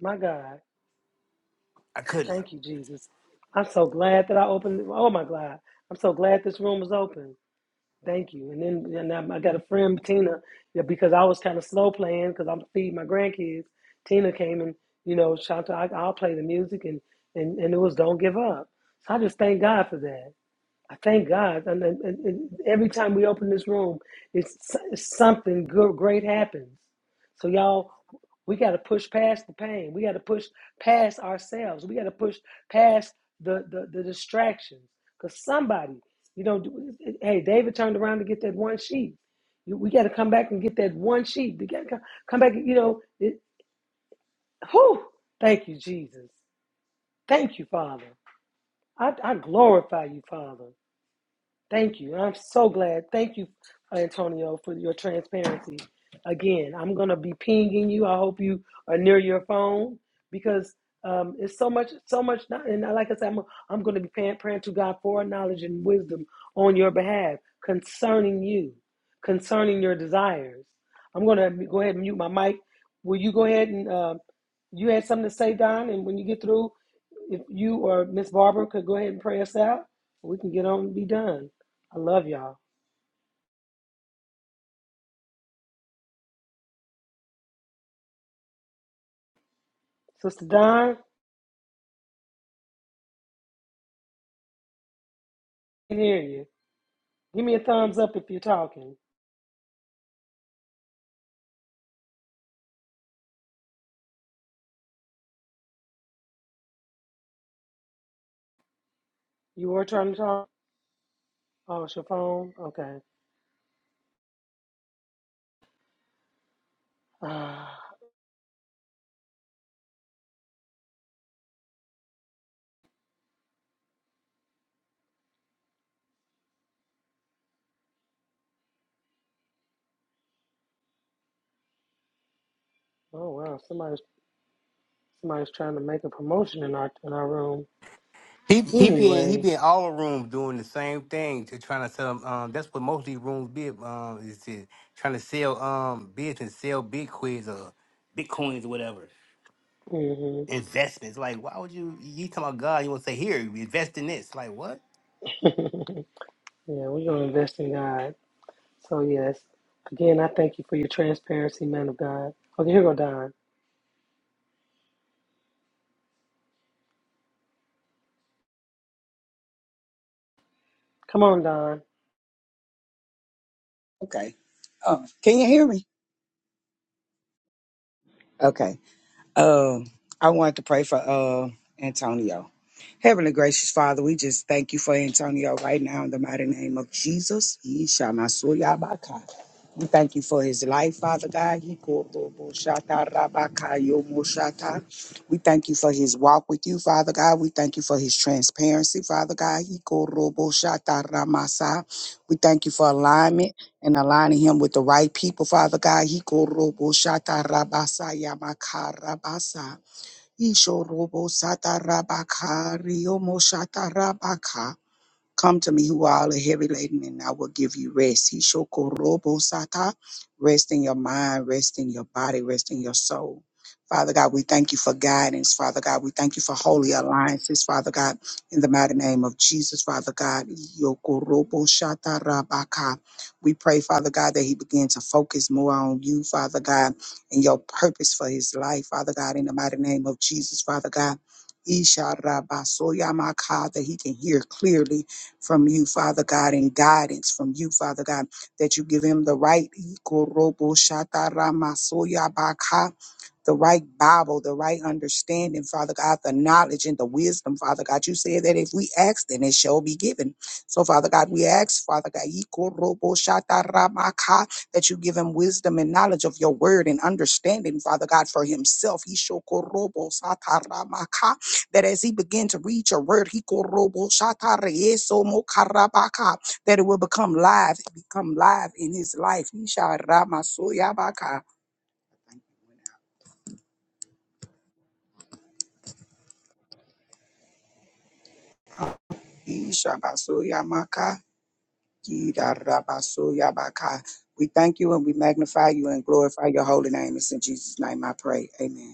Speaker 1: My God.
Speaker 5: I couldn't.
Speaker 1: Thank you, Jesus. I'm so glad that I opened. Oh, my God. I'm so glad this room is open. Thank you. And then and i I got a friend, Tina, yeah, because I was kind of slow playing because I'm feeding my grandkids. Tina came and, you know, Shanta, I, I'll play the music and, and, and it was Don't Give Up. So I just thank God for that. I thank God. And, and, and every time we open this room, it's, it's something good, great happens. So y'all, we got to push past the pain. We got to push past ourselves. We got to push past the the, the distractions. Because somebody, you know, do- hey, David turned around to get that one sheep. You- We got to come back and get that one sheep. We got to come come back. You know, it, whew, thank you, Jesus. Thank you, Father. I, I glorify you, Father. Thank you. I'm so glad. Thank you, Antonio, for your transparency. Again, I'm going to be pinging you. I hope you are near your phone because um, it's so much, so much. Not, and like I said, I'm, I'm going to be praying, praying to God for knowledge and wisdom on your behalf concerning you, concerning your desires. I'm going to go ahead and mute my mic. Will you go ahead and uh, you had something to say, Don? And when you get through, if you or Miss Barbara could go ahead and pray us out, we can get on and be done. I love y'all. Sister Don, I can hear you. Give me a thumbs up if you're talking. You were trying to talk? Oh, it's your phone? Okay. Uh, oh, wow. Somebody's, somebody's trying to make a promotion in our, in our room.
Speaker 5: He he be in, he
Speaker 1: Anyway,
Speaker 5: be in all the rooms doing the same thing to trying to sell them. Um, that's what most of these rooms be. Um, is to, trying to sell um business, sell bitcoins or bitcoins or whatever
Speaker 1: hmm
Speaker 5: investments. Like, why would you? You talking about God? You want to say here invest in this? Like what?
Speaker 1: yeah, we're going to invest in God. So, yes. Again, I thank you for your transparency, man of God. Okay, here go Don. Come on, Don.
Speaker 8: Okay. Oh, can you hear me? Okay. Um, I wanted to pray for uh Antonio. Heavenly gracious Father, we just thank you for Antonio right now in the mighty name of Jesus. Yishamasuyabaka. We thank you for his life, Father God. Yikotoboshatarabakayomoshata. We thank you for his walk with you, Father God. We thank you for his transparency, Father God. Yikoroboshataramasa. We thank you for alignment and aligning him with the right people, Father God. Hiko robo shata rabasa yamaka rabasa. Isho robo sata rabaka riomo shata rabaka. Come to me who are all are heavy laden, and I will give you rest. He shokorobo sata. Rest in your mind, rest in your body, rest in your soul. Father God, we thank you for guidance. Father God, we thank you for holy alliances. Father God, in the mighty name of Jesus, Father God, yokorobo shata rabaka. we pray, Father God, that he begin to focus more on you, Father God, and your purpose for his life, Father God, in the mighty name of Jesus, Father God. Isha Rabba Soyamaka, that he can hear clearly from you, Father God, and guidance from you, Father God, that you give him the right. Ikorobo shatarama soyabaka the right Bible, the right understanding, Father God, the knowledge and the wisdom, Father God. You said that if we ask, then it shall be given. So, Father God, we ask, Father God, "Ikoroboshataramaka," that you give him wisdom and knowledge of your word and understanding, Father God, for himself. "Ishokoroboshataramaka," That as he begin to read your word, "Ikoroboshatarayesomokarabaka," that it will become live, become live in his life. "Isharamasoyabaka." Ishabasoyamaka, Kidarabasoyabaka. We thank you and we magnify you and glorify your holy name. It's in Jesus' name I pray. Amen.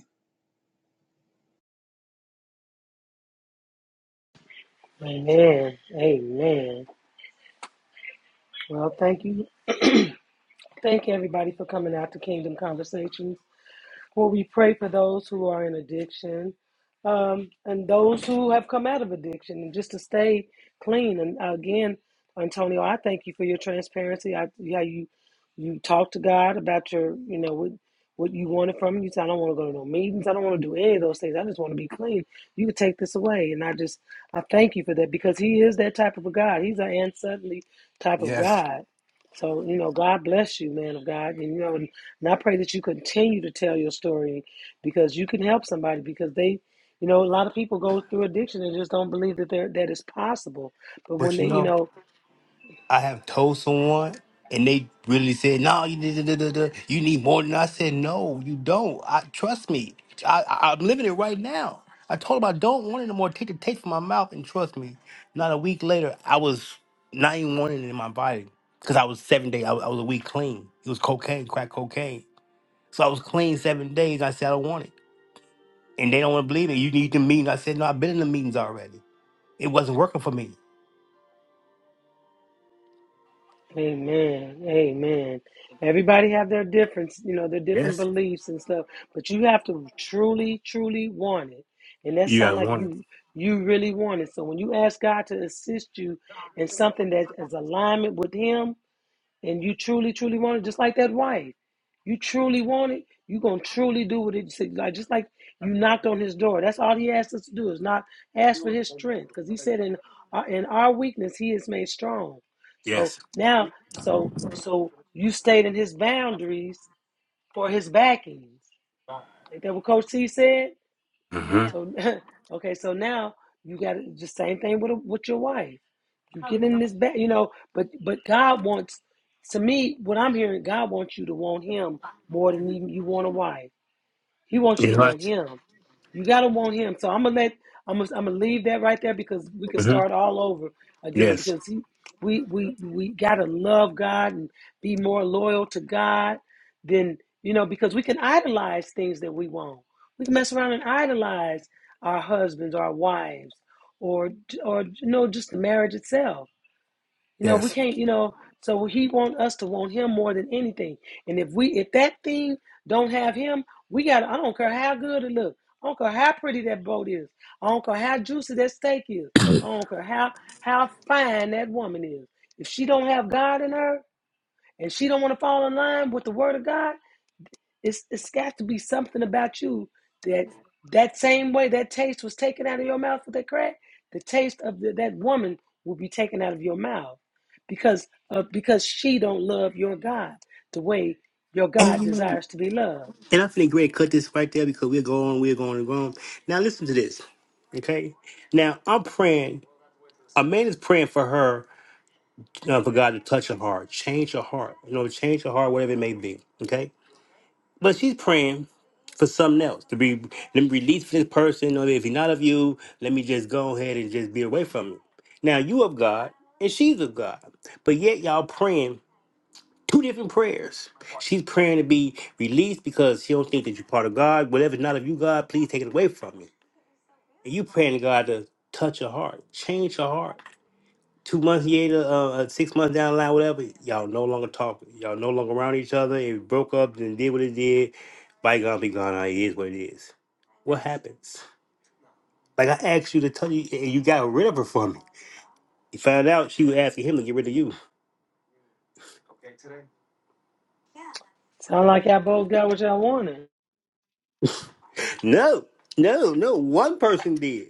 Speaker 1: Amen. Amen. Well, thank you. Thank everybody for coming out to Kingdom Conversations. Well, we pray for those who are in addiction um, and those who have come out of addiction and just to stay clean. And again, Antonio, I thank you for your transparency. I, how you you talk to God about your, you know, what, what you wanted from him. You said, I don't want to go to no meetings. I don't want to do any of those things. I just want to be clean. You could take this away. And I just, I thank you for that because he is that type of a God. He's an and suddenly type of
Speaker 5: Yes,
Speaker 1: God. So, you know, God bless you, man of God. And, you know, and, I pray that you continue to tell your story because you can help somebody because they, you know, a lot of people go through addiction and just don't believe that they're, that it's possible. But when
Speaker 5: but
Speaker 1: they,
Speaker 5: you
Speaker 1: you
Speaker 5: know.
Speaker 1: know,
Speaker 5: I have told someone and they really said, "No, you da- da- da- da- da, you need more than." I said, "No, you don't. I trust me. I, I I'm living it right now." I told them I don't want it no more. Take the taste from my mouth and trust me. Not a week later, I was not even wanting it in my body because I was seven days. I, was- I was a week clean. It was cocaine, crack cocaine. So I was clean seven days. I said I don't want it, and they don't want to believe it. You need the meeting. I said no. I've been in the meetings already. It wasn't working for me.
Speaker 1: amen, amen. Everybody have their difference, you know, their different beliefs and stuff, but you have to truly, truly want it. And that
Speaker 5: You
Speaker 1: sounds
Speaker 5: gotta
Speaker 1: like
Speaker 5: want it.
Speaker 1: you, you really want it. So when you ask God to assist you in something that is alignment with him, and you truly, truly want it, just like that wife, you truly want it, you're going to truly do what it said. Like, just like you knocked on his door. That's all he asked us to do is not ask for his strength. Because he said, in, our in our weakness, he is made strong. So
Speaker 5: Yes.
Speaker 1: now, so, so you stayed in his boundaries for his backings. Ain't that what Coach C said?
Speaker 5: Mm-hmm.
Speaker 1: So, okay, so now you got to just same thing with, a, with your wife. You get in this bed, you know, but but God wants to me, what I'm hearing, God wants you to want him more than you, you want a wife. He wants you
Speaker 5: You
Speaker 1: to
Speaker 5: know
Speaker 1: want him. You gotta want him. So I'm gonna let I'm gonna, I'm gonna leave that right there because we could
Speaker 5: what?
Speaker 1: start all over again
Speaker 5: Yes.
Speaker 1: because he, we we we gotta love God and be more loyal to God than you know because we can idolize things that we want. We can mess around and idolize our husbands, our wives, or or you know just the marriage itself you know, we
Speaker 5: Yes.
Speaker 1: can't, you know, so he want us to want him more than anything. And if we if that thing don't have him, we got I don't care how good it looks. I don't care how pretty that boat is. I don't care how juicy that steak is. I don't care how how fine that woman is. If she don't have God in her and she don't want to fall in line with the word of God, it's it's got to be something about you that that same way that taste was taken out of your mouth with that crack, the taste of the, that woman will be taken out of your mouth because uh, because she don't love your God the way your
Speaker 5: And
Speaker 1: God
Speaker 5: you know,
Speaker 1: desires to be loved.
Speaker 5: and I'm great. Cut this right there because we're going, we're going, we're going. Now listen to this, okay? Now I'm praying. A man is praying for her, uh, for God to touch her heart, change her heart, you know, change her heart, whatever it may be, okay? But she's praying for something else to be let me release this person. Or if he's not of you, let me just go ahead and just be away from you. Now you of God and she's of God, but yet y'all praying. Two different prayers. She's praying to be released because she don't think that you're part of God. Whatever's not of you, God, please take it away from me. And you praying to God to touch her heart, change her heart. Two months later, uh, uh, six months down the line, whatever, y'all no longer talking. Y'all no longer around each other. It broke up and did what it did. Bygone be gone. It is what it is. What happens? Like I asked you to tell you, and you got rid of her for me. You found out she was asking him to get rid of you.
Speaker 1: Sound like y'all both got what y'all wanted.
Speaker 5: No, no, no. One person did.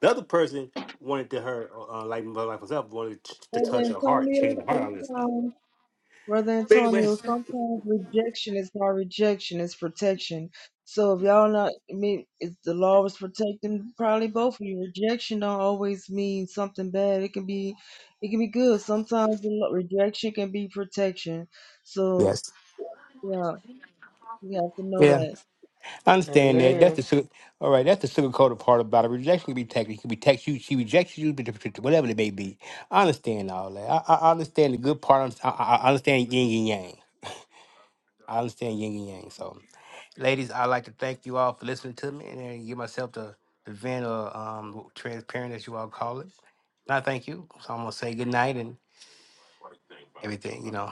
Speaker 5: The other person wanted to her, uh, like like myself, wanted t- to
Speaker 7: Brother
Speaker 5: touch her heart,
Speaker 7: Antonio,
Speaker 5: change her heart,
Speaker 7: thank
Speaker 5: all this stuff.
Speaker 7: you. Brother
Speaker 5: But anyway,
Speaker 7: Antonio, sometimes rejection is not rejection, it's protection. So if y'all not, I mean, if the law was protecting probably both of you, rejection don't always mean something bad. It can be, it can be good. Sometimes the lo- rejection can be protection.
Speaker 5: yeah,
Speaker 7: So yeah, you have to know
Speaker 5: yeah,
Speaker 7: that.
Speaker 5: I understand that. That's
Speaker 1: Amen.
Speaker 5: the sugar. All right, that's the sugar part about it. Rejection can be technical. It can be text you. She rejects you, but- but- whatever it may be. I understand all that. I, I I understand the good part. I, I I understand yin and yang. I understand yin and yang. So. Ladies, I'd like to thank you all for listening to me and then give myself the, the vent or um, transparent, as you all call it. And I thank you. So I'm going to say good night and everything, you know.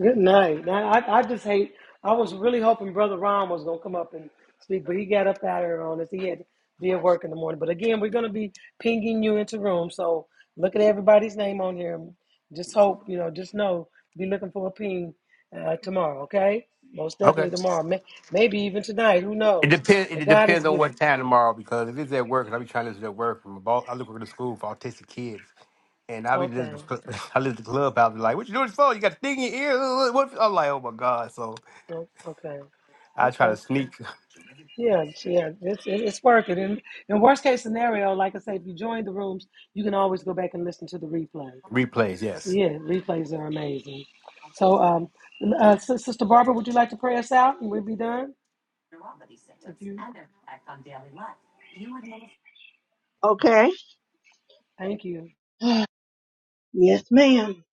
Speaker 1: Good night. Now, I, I just hate. I was really hoping Brother Ron was gonna come up and speak, but he got up out here on us. He had to be at work in the morning. But again, we're gonna be pinging you into room. So look at everybody's name on here. Just hope you know. Just know. Be looking for a ping uh, tomorrow. Okay. Most
Speaker 5: Okay.
Speaker 1: definitely tomorrow. May, maybe even tonight. Who
Speaker 5: It
Speaker 1: knows?
Speaker 5: depends.
Speaker 1: But
Speaker 5: It
Speaker 1: God is
Speaker 5: depends on
Speaker 1: good.
Speaker 5: what time tomorrow because if it's at work, and I'll be trying to listen at work. From boss, I look at the school for autistic kids, and I'll be listening.
Speaker 1: Okay.
Speaker 5: to- cl- I listen to clubhouse. be Like, what you doing this for? You got a thing in your ear? What? I'm like, oh my god! So
Speaker 1: Oh, Okay.
Speaker 5: I try
Speaker 1: Okay.
Speaker 5: to sneak
Speaker 1: Yeah, yeah, it's it- it's working. And in worst case scenario, like I say, if you join the rooms, you can always go back and listen to the replay.
Speaker 5: replays. Yes.
Speaker 1: Yeah, replays are amazing. So, um, uh, Sis- Sister Barbara, would you like to pray us out, and we'll be done? If you,
Speaker 6: Okay.
Speaker 1: thank you,
Speaker 6: Yes, ma'am.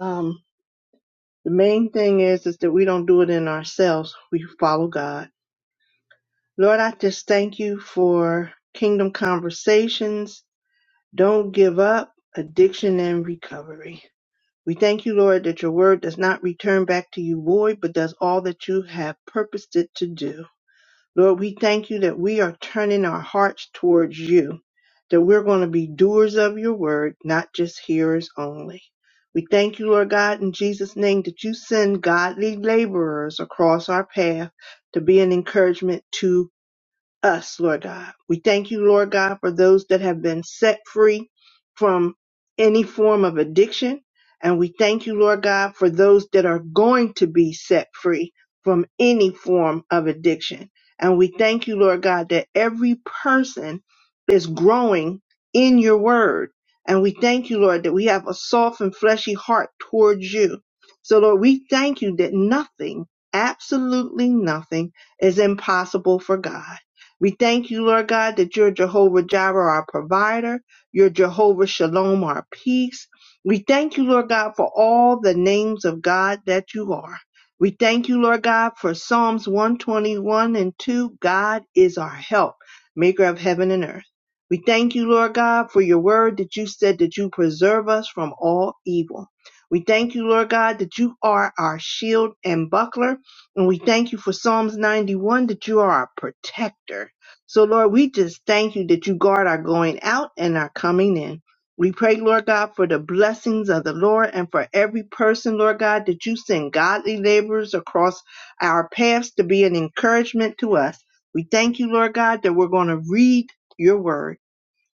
Speaker 6: Um, the main thing is is that we don't do it in ourselves. We follow God. Lord, I just thank you for kingdom conversations. Don't give up, addiction and recovery. We thank you, Lord, that your word does not return back to you void, but does all that you have purposed it to do. Lord, we thank you that we are turning our hearts towards you, that we're going to be doers of your word, not just hearers only. We thank you, Lord God, in Jesus' name, that you send godly laborers across our path to be an encouragement to us, Lord God. We thank you, Lord God, for those that have been set free from any form of addiction. And we thank you, Lord God, for those that are going to be set free from any form of addiction. And we thank you, Lord God, that every person is growing in your word. And we thank you, Lord, that we have a soft and fleshy heart towards you. So, Lord, we thank you that nothing, absolutely nothing, is impossible for God. We thank you, Lord God, that you're Jehovah Jireh, our provider. You're Jehovah Shalom, our peace. We thank you, Lord God, for all the names of God that you are. We thank you, Lord God, for Psalms 121 and 2. God is our help, maker of heaven and earth. We thank you, Lord God, for your word that you said that you preserve us from all evil. We thank you, Lord God, that you are our shield and buckler. And we thank you for Psalms 91 that you are our protector. So, Lord, we just thank you that you guard our going out and our coming in. We pray, Lord God, for the blessings of the Lord and for every person, Lord God, that you send godly laborers across our paths to be an encouragement to us. We thank you, Lord God, that we're going to read your word.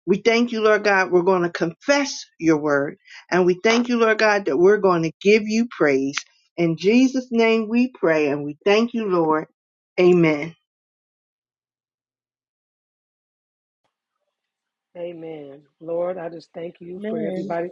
Speaker 6: We thank you, Lord God, we're going to confess your word. And we thank you, Lord God, that we're going to give you praise. In Jesus' name we pray and we thank you, Lord. Amen.
Speaker 1: Amen. Lord, I just thank you for
Speaker 7: Man,
Speaker 1: everybody.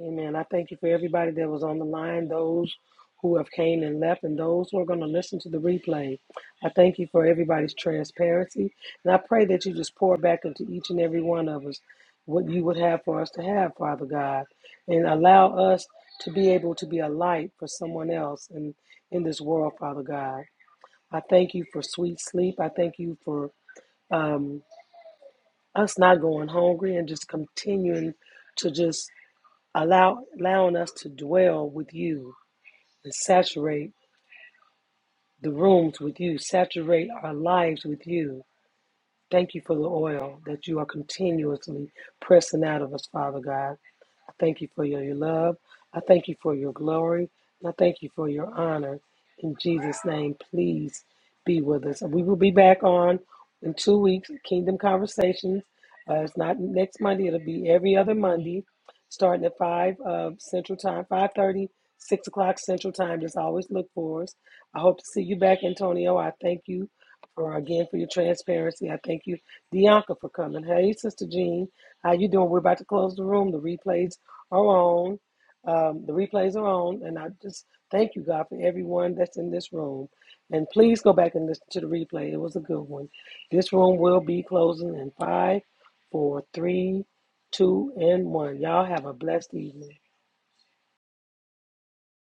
Speaker 1: Amen. I thank you for everybody that was on the line, those who have came and left, and those who are going to listen to the replay. I thank you for everybody's transparency, and I pray that you just pour back into each and every one of us what you would have for us to have, Father God, and allow us to be able to be a light for someone else in, in this world, Father God. I thank you for sweet sleep. I thank you for um, us not going hungry and just continuing to just allow allowing us to dwell with you and saturate the rooms with you, saturate our lives with you. Thank you for the oil that you are continuously pressing out of us, Father God. I thank you for your, love. I thank you for your glory. And I thank you for your honor. In Jesus' name, please be with us. We will be back on in two weeks, Kingdom Conversations. Uh, it's not next Monday. It'll be every other Monday, starting at 5 uh, Central Time, five thirty, six o'clock Central Time. Just always look for us. I hope to see you back, Antonio. I thank you for, again, for your transparency. I thank you, Bianca, for coming. Hey, Sister Jean. How you doing? We're about to close the room. The replays are on. Um, the replays are on, and I just thank you, God, for everyone that's in this room. And please go back and listen to the replay. It was a good one. This room will be closing in five, four, three, two, and one. Y'all have a blessed evening.